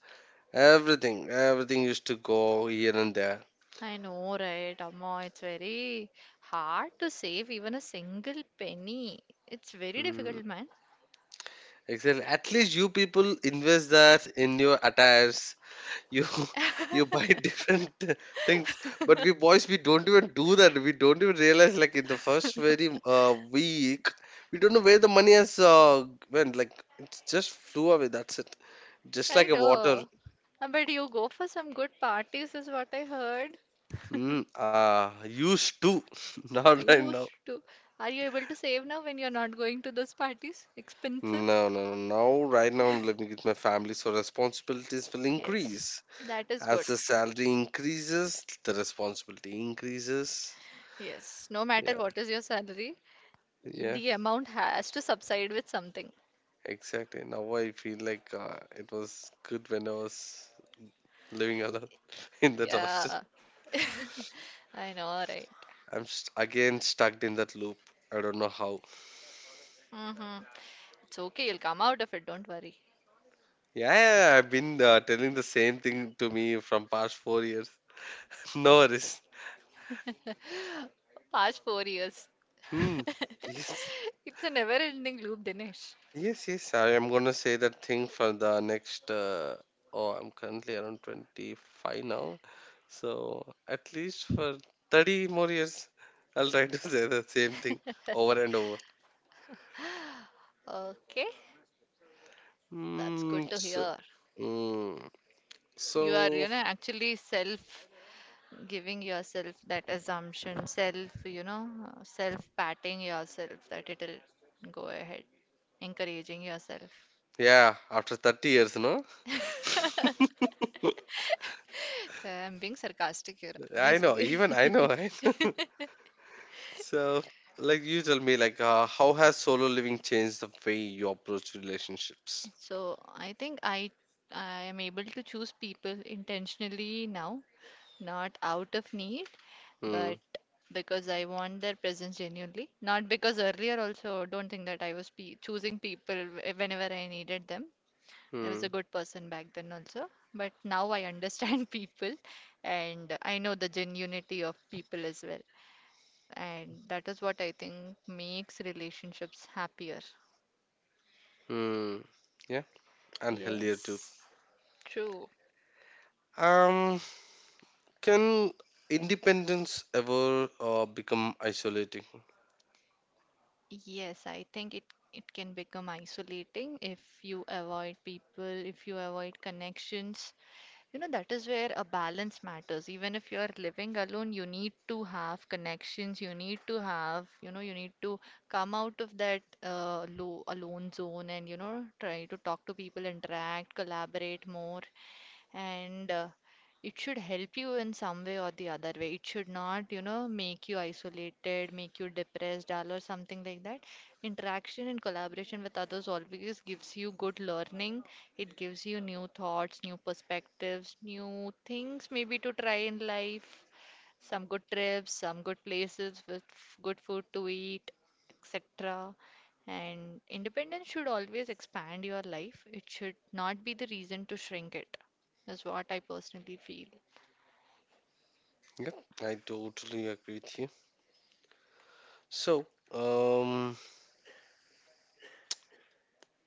S1: everything. Everything used to go here and there.
S2: I know, right? Amma, it's very hard to save even a single penny. It's very
S1: Mm.
S2: difficult, man.
S1: Exactly. At least you people invest that in your attires, you you buy different things, but we boys, we don't even do that, we don't even realize, like, in the first very week we don't know where the money has went, like it just flew away, that's it, just
S2: I
S1: like a water.
S2: know. But you go for some good parties, is what I heard.
S1: Used to. Not right now.
S2: Used to. Are you able to save now when you're not going to those parties? Expensive?
S1: No, no, no. Now, right now, I'm living with my family, so responsibilities will
S2: Yes,
S1: increase.
S2: that is
S1: As
S2: good.
S1: the salary increases, the responsibility increases.
S2: Yes, no matter
S1: Yeah,
S2: what is your salary,
S1: yeah.
S2: the amount has to subside with something.
S1: Exactly. Now I feel like, it was good when I was living alone in that hostel.
S2: Yeah. I know, right?
S1: I'm again stuck in that loop. I don't know how.
S2: Mm-hmm. It's okay, you'll come out of it, don't worry.
S1: Yeah, yeah, yeah, I've been telling the same thing to me from past 4 years. No worries.
S2: Past 4 years.
S1: Hmm. Yes.
S2: It's a never-ending loop, Dinesh.
S1: Yes, yes. I am gonna say that thing for the next. Oh, I'm currently around 25 now. So at least for 30 more years, I'll try to say the same thing over and over.
S2: Okay, that's good
S1: Mm,
S2: to
S1: so,
S2: hear.
S1: mm,
S2: You are,
S1: so,
S2: actually self giving yourself that assumption, self, self patting yourself that it'll go ahead, encouraging yourself.
S1: yeah, after 30 years, no?
S2: I'm being sarcastic here,
S1: I know,
S2: obviously.
S1: even I know, right? So, like, you tell me, like, how has solo living changed the way you approach relationships?
S2: So I think I am able to choose people intentionally now, not out of need,
S1: Hmm,
S2: but because I want their presence genuinely. Not because earlier also don't think that I was pe choosing people whenever I needed them. I was
S1: hmm,
S2: a good person back then also, but now I understand people, and I know the genuinity of people as well. And that is what I think makes relationships happier.
S1: hmm. Yeah, and healthier too.
S2: Yes, true.
S1: Um, can independence ever become isolating?
S2: Yes, I think it can become isolating if you avoid people, if you avoid connections. That is where a balance matters. Even if you're living alone, you need to have connections, you need to have, you know, you need to come out of that low alone zone and, you know, try to talk to people, interact, collaborate more and it should help you in some way or the other way. It should not, you know, make you isolated, make you depressed, dull, or something like that. Interaction and collaboration with others always gives you good learning. It gives you new thoughts, new perspectives, new things maybe to try in life, some good trips, some good places with good food to eat, etc. And independence should always expand your life. It should not be the reason to shrink it is what I personally feel.
S1: Yeah, I totally agree with you. So,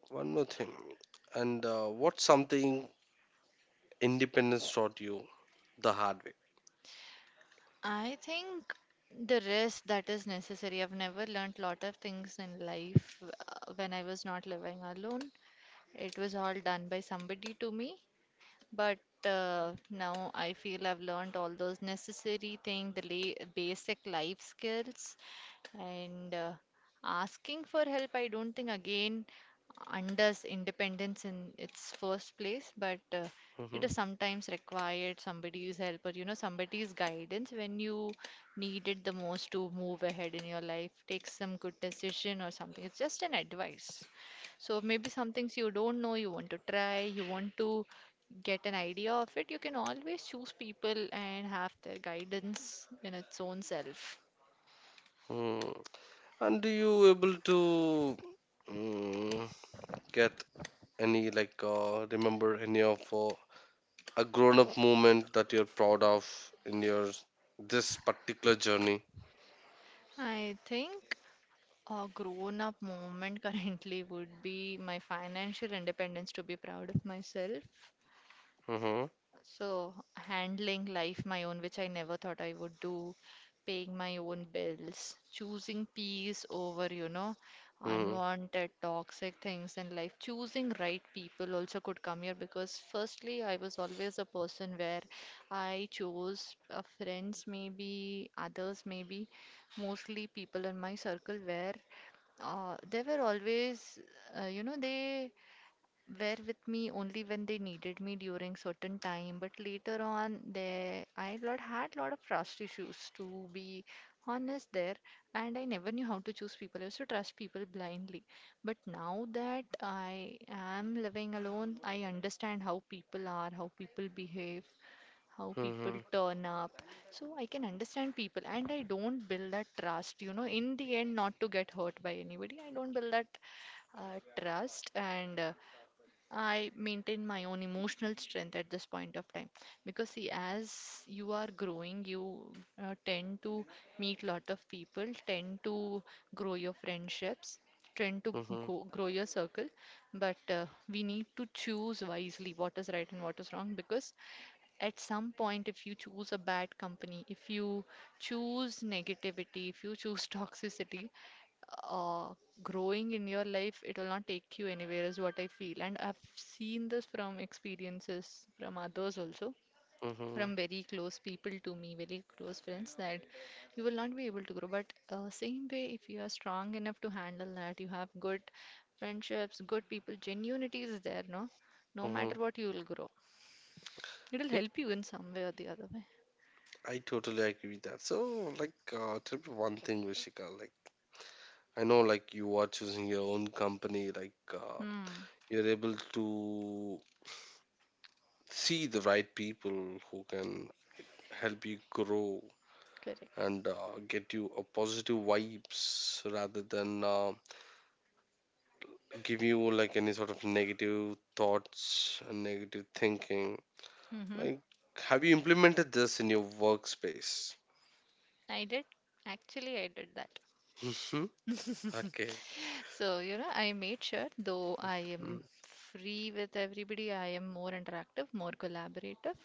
S1: one more thing. And what's something independence taught you the hard way.
S2: I think the rest that is necessary. I've never learnt lot of things in life when I was not living alone. It was all done by somebody to me. But now I feel I've learned all those necessary things, the la basic life skills. And asking for help, I don't think again unders independence in its first place, but it
S1: Mhm.
S2: is sometimes required somebody's help or you know somebody's guidance when you need it the most to move ahead in your life, take some good decision or something. It's just an advice. So maybe some things you don't know, you want to try, you want to get an idea of it, you can always choose people and have their guidance in its own self.
S1: Hmm. And do you able to mm, get any, like, remember any of a grown up moment that you're proud of in your this particular journey?
S2: I think a grown up moment currently would be my financial independence to be proud of myself.
S1: Mm-hmm.
S2: So, handling life my own, which I never thought I would do, paying my own bills, choosing peace over, you know,
S1: Mm-hmm.
S2: unwanted toxic things in life, choosing right people also could come here because, firstly, I was always a person where I chose friends, maybe others, maybe mostly people in my circle where they were always, you know, they were with me only when they needed me during certain time, but later on they I lot had lot of trust issues to be honest there. And I never knew how to choose people. I used to trust people blindly, but now that I am living alone, I understand how people are, how people behave, how people
S1: Mm-hmm.
S2: turn up. So I can understand people and I don't build that trust, you know, in the end, not to get hurt by anybody. I don't build that trust, and I maintain my own emotional strength at this point of time. Because see, as you are growing, you tend to meet lot of people, tend to grow your friendships, tend to
S1: Mm-hmm.
S2: grow your circle. But we need to choose wisely what is right and what is wrong, because at some point, if you choose a bad company, if you choose negativity, if you choose toxicity, uh, growing in your life, it will not take you anywhere is what I feel, and I've seen this from experiences from others also,
S1: Mm-hmm.
S2: from very close people to me, very close friends, that you will not be able to grow. But same way, if you are strong enough to handle that, you have good friendships, good people, genuinity is there, no no
S1: Mm-hmm.
S2: matter what you will grow. It'll
S1: Yep,
S2: help you in some way or the other way.
S1: I totally agree with that. So, like, tell me one thing, Vishika. Like, I know, like, you are choosing your own company. Like,
S2: Hmm.
S1: you're able to see the right people who can help you grow
S2: Correct.
S1: and get you a positive vibes, rather than give you, like, any sort of negative thoughts and negative thinking,
S2: Mm-hmm.
S1: like, have you implemented this in your workspace?
S2: I did. Actually, I did that.
S1: Mhm. Okay.
S2: So, you know, I made sure though I am
S1: Mm,
S2: free with everybody, I am more interactive, more collaborative.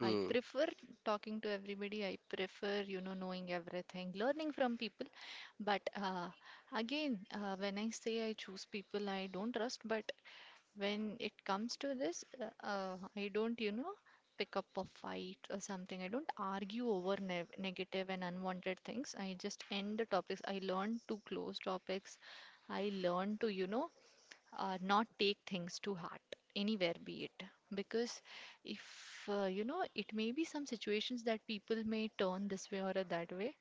S2: I prefer talking to everybody. I prefer, you know, knowing everything, learning from people. But again, when I say I choose people I don't trust, but when it comes to this, I don't, you know, pick up a fight or something. I don't argue over ne negative and unwanted things. I just end the topics. I learn to close topics. I learn to, you know, not take things to heart anywhere, be it because if you know, it may be some situations that people may turn this way or that way,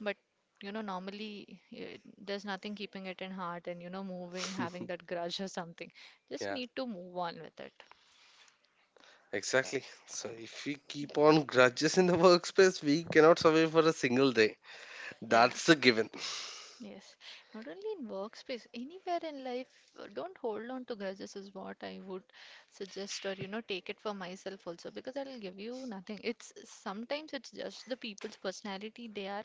S2: but you know, normally there's nothing, keeping it in heart and, you know, moving, having that grudge or something, just
S1: Yeah,
S2: need to move on with it.
S1: exactly. So if we keep on grudges in the workspace, we cannot survive for a single day.
S2: Yeah.
S1: That's a given.
S2: Yes, not only in workspace, anywhere in life, don't hold on to grudges is what I would suggest, or you know, take it for myself also, because that'll give you nothing. It's sometimes it's just the people's personality. They are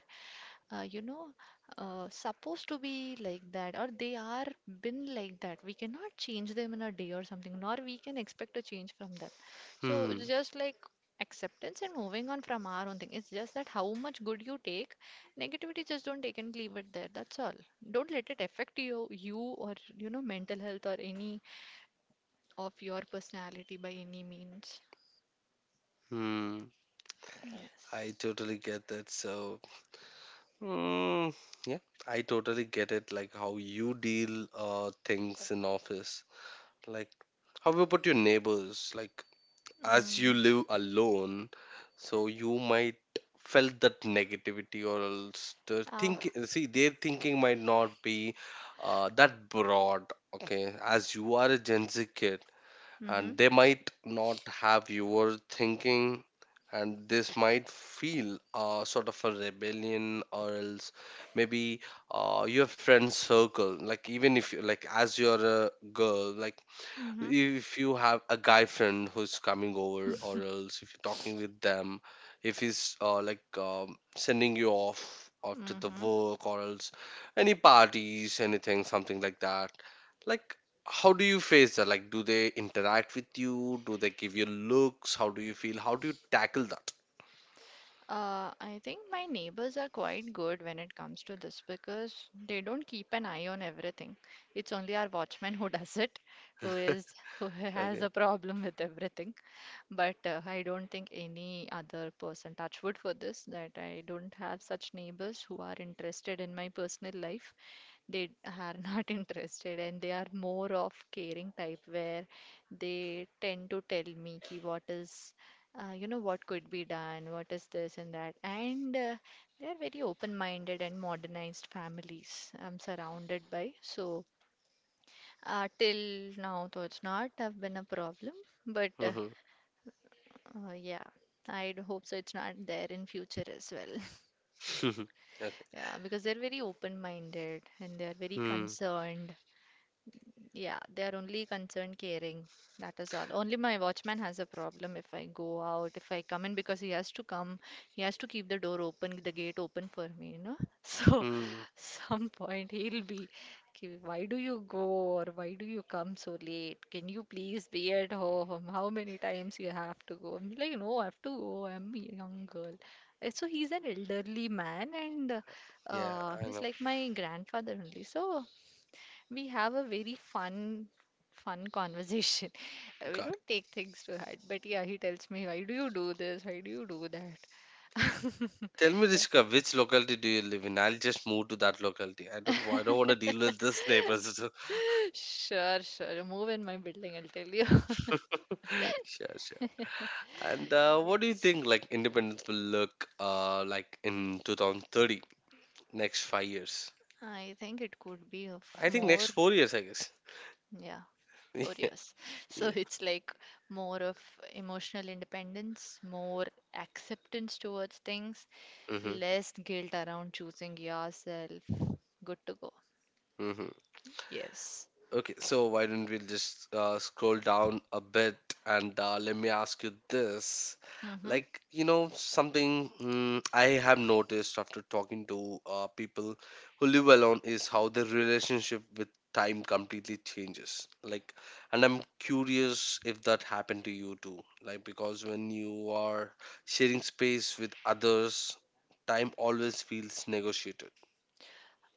S2: you know, supposed to be like that, or they are been like that. We cannot change them in a day or something, nor we can expect a change from them. So it's
S1: Hmm.
S2: just like acceptance and moving on from our own thing. It's just that how much good you take, negativity just don't take and leave it there. That's all. Don't let it affect you, you or you know, mental health or any of your personality by any means.
S1: Hmm. I
S2: Yes.
S1: totally get that. So, Mm, yeah, I totally get it. Like how you deal things in office. Like how about your neighbors? Like, as you
S2: Mm.
S1: live alone, so you might felt that negativity or else the
S2: Ah.
S1: thinking. See, their thinking might not be that broad. Okay, as you are a Gen Z kid,
S2: Mm-hmm.
S1: and they might not have your thinking, and this might feel, sort of a rebellion, or else maybe, your friend circle, like, even if you, like, as you're a girl, like,
S2: Mm-hmm.
S1: if you have a guy friend who's coming over or else if you're talking with them, if he's, like, sending you off after the
S2: Mm-hmm.
S1: work or else any parties, anything, something like that, like, how do you face that? Like, do they interact with you? Do they give you looks? How do you feel? How do you tackle that?
S2: I think my neighbors are quite good when it comes to this because they don't keep an eye on everything. It's only our watchman who does it, who is who has
S1: Okay.
S2: a problem with everything. But I don't think any other person, touch wood for this, that I don't have such neighbors who are interested in my personal life. They are not interested, and they are more of caring type where they tend to tell me ki what is you know, what could be done, what is this and that, and they are very open minded and modernized families I'm surrounded by. So till now though it's not have been a problem, but
S1: Mm-hmm.
S2: yeah, I hope so it's not there in future as well.
S1: Okay.
S2: Yeah, because they're very open minded and they're very
S1: Hmm.
S2: concerned. Yeah, they are only concerned, caring. That is all. Only my watchman has a problem if I go out, if I come in, because he has to come, he has to keep the door open, the gate open for me, you know. So,
S1: Hmm.
S2: some point he'll be, "Ki, why do you go or why do you come so late? Can you please be at home? How many times you have to go?" I'm like, no, I have to go. I'm a young girl. So he's an elderly man, and uh,
S1: Yeah,
S2: uh,
S1: I
S2: he's
S1: know.
S2: like my grandfather only. So we have a very fun conversation. We
S1: Got
S2: don't
S1: it.
S2: take things to heart, but yeah, he tells me, why do you do this? Why do you do that?
S1: Tell me, Rishika, which locality do you live in? I'll just move to that locality. I don't want to deal with this neighbors.
S2: Sure, sure. Move in my building, I'll tell you.
S1: Sure, sure. And what do you
S2: Yes.
S1: think, like independence will look like in 2030, next 5 years?
S2: I think it could be of
S1: I think
S2: more,
S1: next 4 years, I guess.
S2: yeah, four
S1: Yeah,
S2: years. So
S1: yeah.
S2: it's like more of emotional independence, more acceptance towards things,
S1: Mm-hmm.
S2: less guilt around choosing yourself. Good to go.
S1: Mm-hmm.
S2: Yes.
S1: Okay, so why don't we just scroll down a bit and let me ask you this.
S2: Hmm.
S1: Like, you know, something, I have noticed after talking to people who live alone is how their relationship with time completely changes. Like, and I'm curious if that happened to you too. Like, because when you are sharing space with others, time always feels negotiated.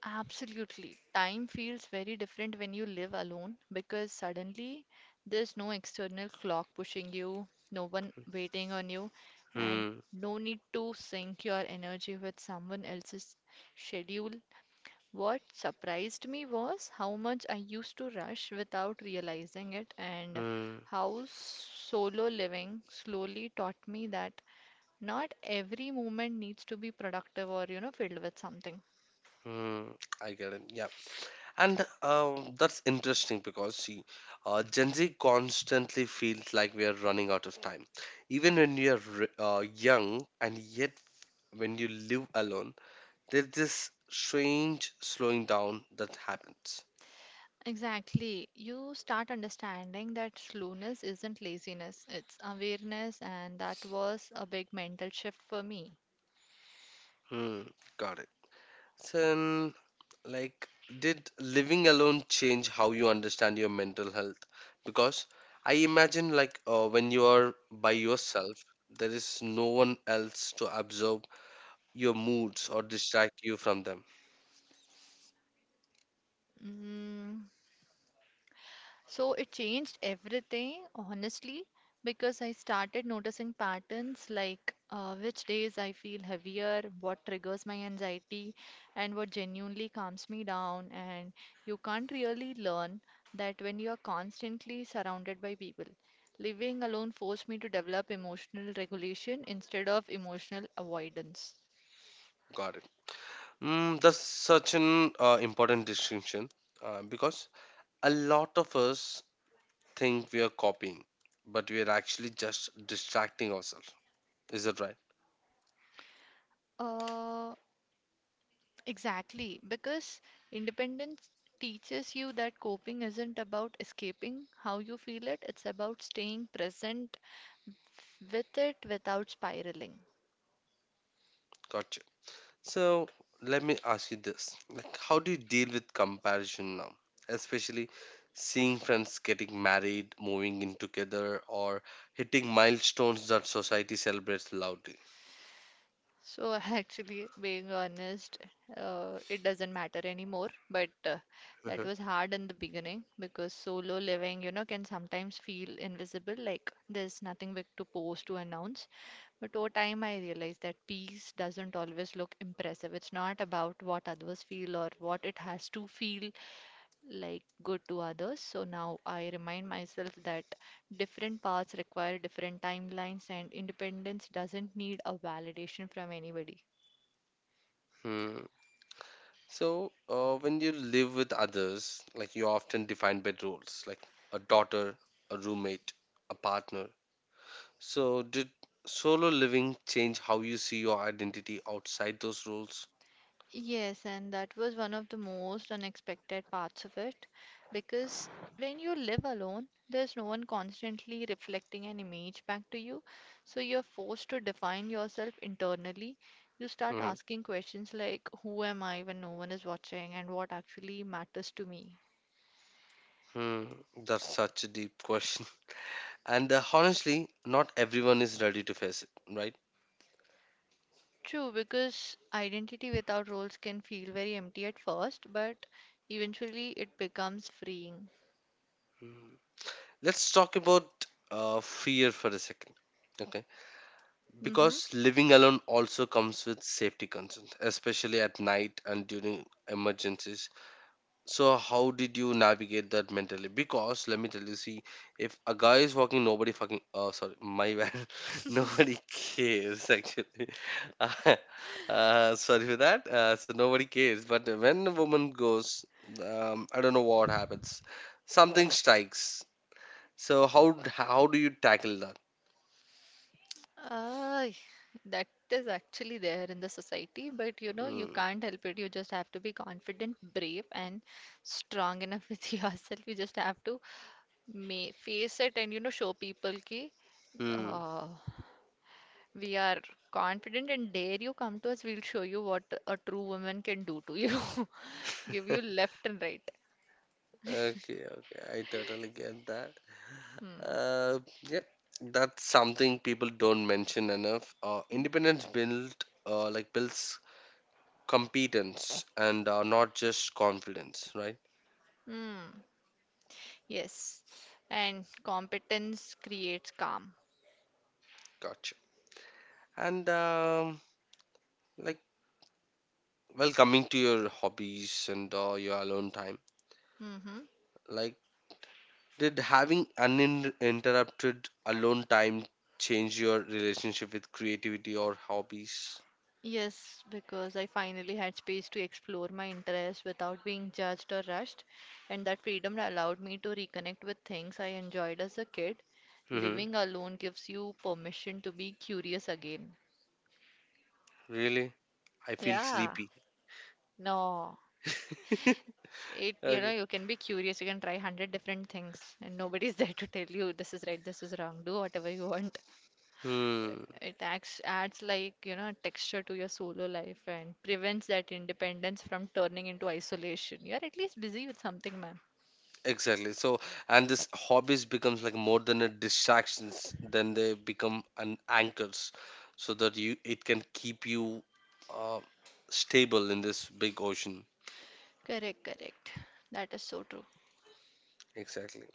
S2: Absolutely. Time feels very different when you live alone because suddenly there's no external clock pushing you, no one waiting on you, and
S1: Hmm,
S2: no need to sync your energy with someone else's schedule. What surprised me was how much I used to rush without realizing it, and
S1: hmm,
S2: how solo living slowly taught me that not every moment needs to be productive or, you know, filled with something.
S1: hmm. I get it. Yeah. And that's interesting because, see, Gen Z constantly feels like we are running out of time. Even when we are young, and yet when you live alone, there's this strange slowing down that happens.
S2: Exactly. You start understanding that slowness isn't laziness, it's awareness, and that was a big mental shift for me.
S1: Hmm, got it. So, like, did living alone change how you understand your mental health? Because I imagine, like, when you are by yourself, there is no one else to observe your moods or distract you from them.
S2: Mm, so it changed everything, honestly, because I started noticing patterns like which days I feel heavier, what triggers my anxiety, and what genuinely calms me down. And you can't really learn that when you are constantly surrounded by people. Living alone forced me to develop emotional regulation instead of emotional avoidance.
S1: Got it. That's such an important distinction, because a lot of us think we are copying, but we are actually just distracting ourselves. Is that right?
S2: Uh, Exactly, because independence teaches you that coping isn't about escaping how you feel it, it's about staying present with it without spiraling.
S1: Gotcha. So let me ask you this: like, how do you deal with comparison now, especially seeing friends getting married, moving in together, or hitting milestones that society celebrates loudly?
S2: So, actually, being honest, it doesn't matter anymore, but that was hard in the beginning because solo living, you know, can sometimes feel invisible, like there's nothing big to post, to announce. But over time, I realized that peace doesn't always look impressive. It's not about what others feel or what it has to feel like good to others. So now I remind myself that different paths require different timelines, and independence doesn't need a validation from anybody.
S1: Mhm. So, when you live with others, like you're often defined by roles, like a daughter, a roommate, a partner. So, did solo living change how you see your identity outside those roles?
S2: Yes, and that was one of the most unexpected parts of it, because when you live alone, there's no one constantly reflecting an image back to you. So you're forced to define yourself internally. You start
S1: Hmm.
S2: asking questions like, who am I when no one is watching, and what actually matters to me?
S1: Hmm. That's such a deep question. And honestly, not everyone is ready to face it, right?
S2: True, because identity without roles can feel very empty at first, but eventually it becomes freeing.
S1: Hmm. Let's talk about fear for a second. Okay.
S2: Mm-hmm.
S1: Because living alone also comes with safety concerns, especially at night and during emergencies. So how did you navigate that mentally? Because let me tell you, see, if a guy is walking, nobody fucking. Oh, sorry, my bad. Nobody cares actually. Sorry for that. So nobody cares. But when a woman goes, I don't know what happens. Something strikes. So how do you tackle that?
S2: Uh, that is actually there in the society, but you know, you
S1: Hmm.
S2: can't help it. You just have to be confident, brave, and strong enough with yourself. You just have to may face it and you know, show people ki
S1: Hmm.
S2: uh, we are confident and dare you come to us. We'll show you what a true woman can do to you. Give you left and right.
S1: Okay, okay, I totally get that.
S2: Hmm.
S1: Yeah, that's something people don't mention enough. Independence builds competence and not just confidence, right?
S2: Hmm. Yes. And competence creates calm.
S1: Gotcha. And like, well, coming to your hobbies and your alone time,
S2: Mm-hmm.
S1: like, did having uninterrupted alone time change your relationship with creativity or hobbies?
S2: Yes, because I finally had space to explore my interests without being judged or rushed, and that freedom allowed me to reconnect with things I enjoyed as a kid.
S1: Hmm.
S2: Living alone gives you permission to be curious again.
S1: Really? I feel
S2: Yeah,
S1: sleepy.
S2: no, it, you know,
S1: Okay.
S2: you can be curious. You can try 100 different things, and nobody's there to tell you this is right, this is wrong. Do whatever you want.
S1: Hmm.
S2: It adds like, you know, texture to your solo life and prevents that independence from turning into isolation. You're at least busy with something, man.
S1: Exactly. So, and this hobbies becomes like more than a distractions, then they become an anchors, so that you it can keep you uh, stable in this big ocean.
S2: Correct, correct. That is so true.
S1: Exactly.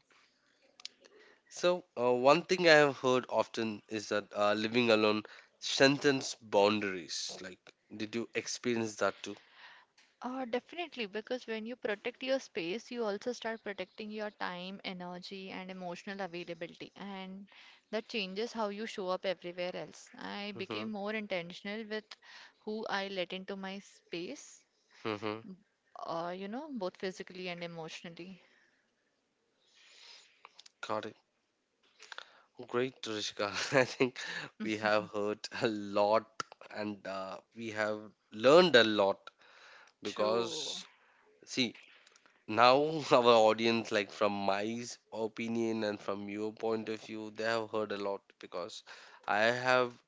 S1: So, one thing I have heard often is that living alone strengthens boundaries. Like, did you experience that too?
S2: Definitely, because when you protect your space, you also start protecting your time, energy, and emotional availability. And that changes how you show up everywhere else. I
S1: Mm-hmm.
S2: became more intentional with who I let into my space,
S1: Mm-hmm.
S2: you know, both physically and emotionally.
S1: Got it. Great, Rishika. I think we have heard a lot and we have learned a lot,
S2: True.
S1: because, see, now our audience, like from opinion and from your point of view, they have heard a lot, because I have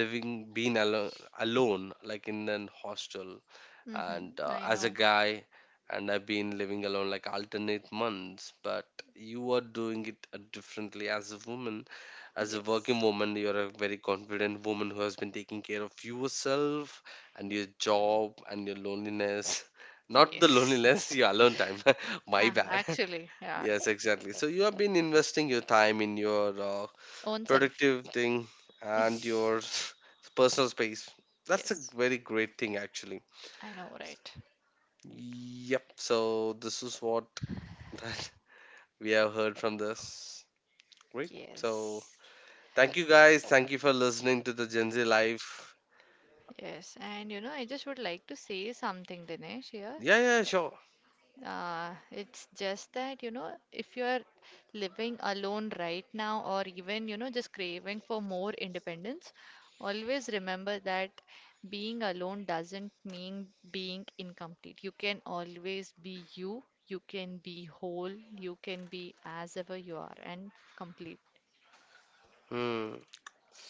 S1: living been alone like in an hostel, and
S2: Mm-hmm.
S1: uh,
S2: I
S1: as a
S2: know.
S1: guy, and I've been living alone, like, alternate months, but you are doing it differently as a woman, as a working
S2: Yes.
S1: woman, you're a very confident woman who has been taking care of yourself and your job and your loneliness. Not the
S2: Yes.
S1: loneliness, your alone time. My
S2: Ah,
S1: bad.
S2: actually, yeah.
S1: Yes, exactly. So you have been investing your time in your
S2: Own self.
S1: productive thing and your personal space. That's a
S2: Yes.
S1: very great thing actually.
S2: I know, right?
S1: Yep. So this is what that we have heard from this. Great. So
S2: Yes.
S1: thank you guys. Thank you for listening to the Gen Z life.
S2: Yes. And you know, I just would like to say something, Dinesh, here.
S1: Yeah, yeah, sure.
S2: It's just that, you know, if you're living alone right now, or even, you know, just craving for more independence, always remember that being alone doesn't mean being incomplete. You can always be you, you can be whole, you can be as ever you are, and complete.
S1: Hmm.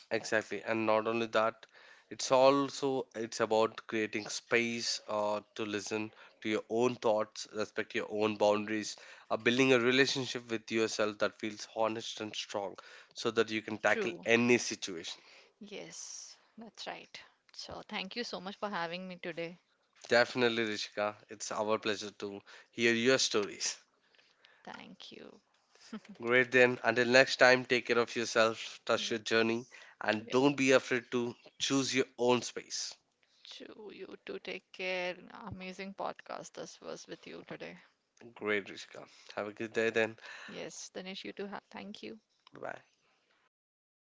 S1: Exactly. And not only that, it's also, it's about creating space to listen to your own thoughts, respect your own boundaries, building a relationship with yourself that feels honest and strong, so that you can tackle
S2: True.
S1: any situation.
S2: Yes, that's right. So, thank you so much for having me today.
S1: Definitely, Rishika. It's our pleasure to hear your stories.
S2: Thank you.
S1: Great then. Until next time, take care of yourself, trust your journey,
S2: Yes.
S1: and don't be afraid to choose your own space.
S2: To you to take care. Amazing podcast this was with you today.
S1: Great, Rishika. Have a good day then.
S2: Yes, Dinesh, you too. Thank you.
S1: Bye bye.
S2: Bye.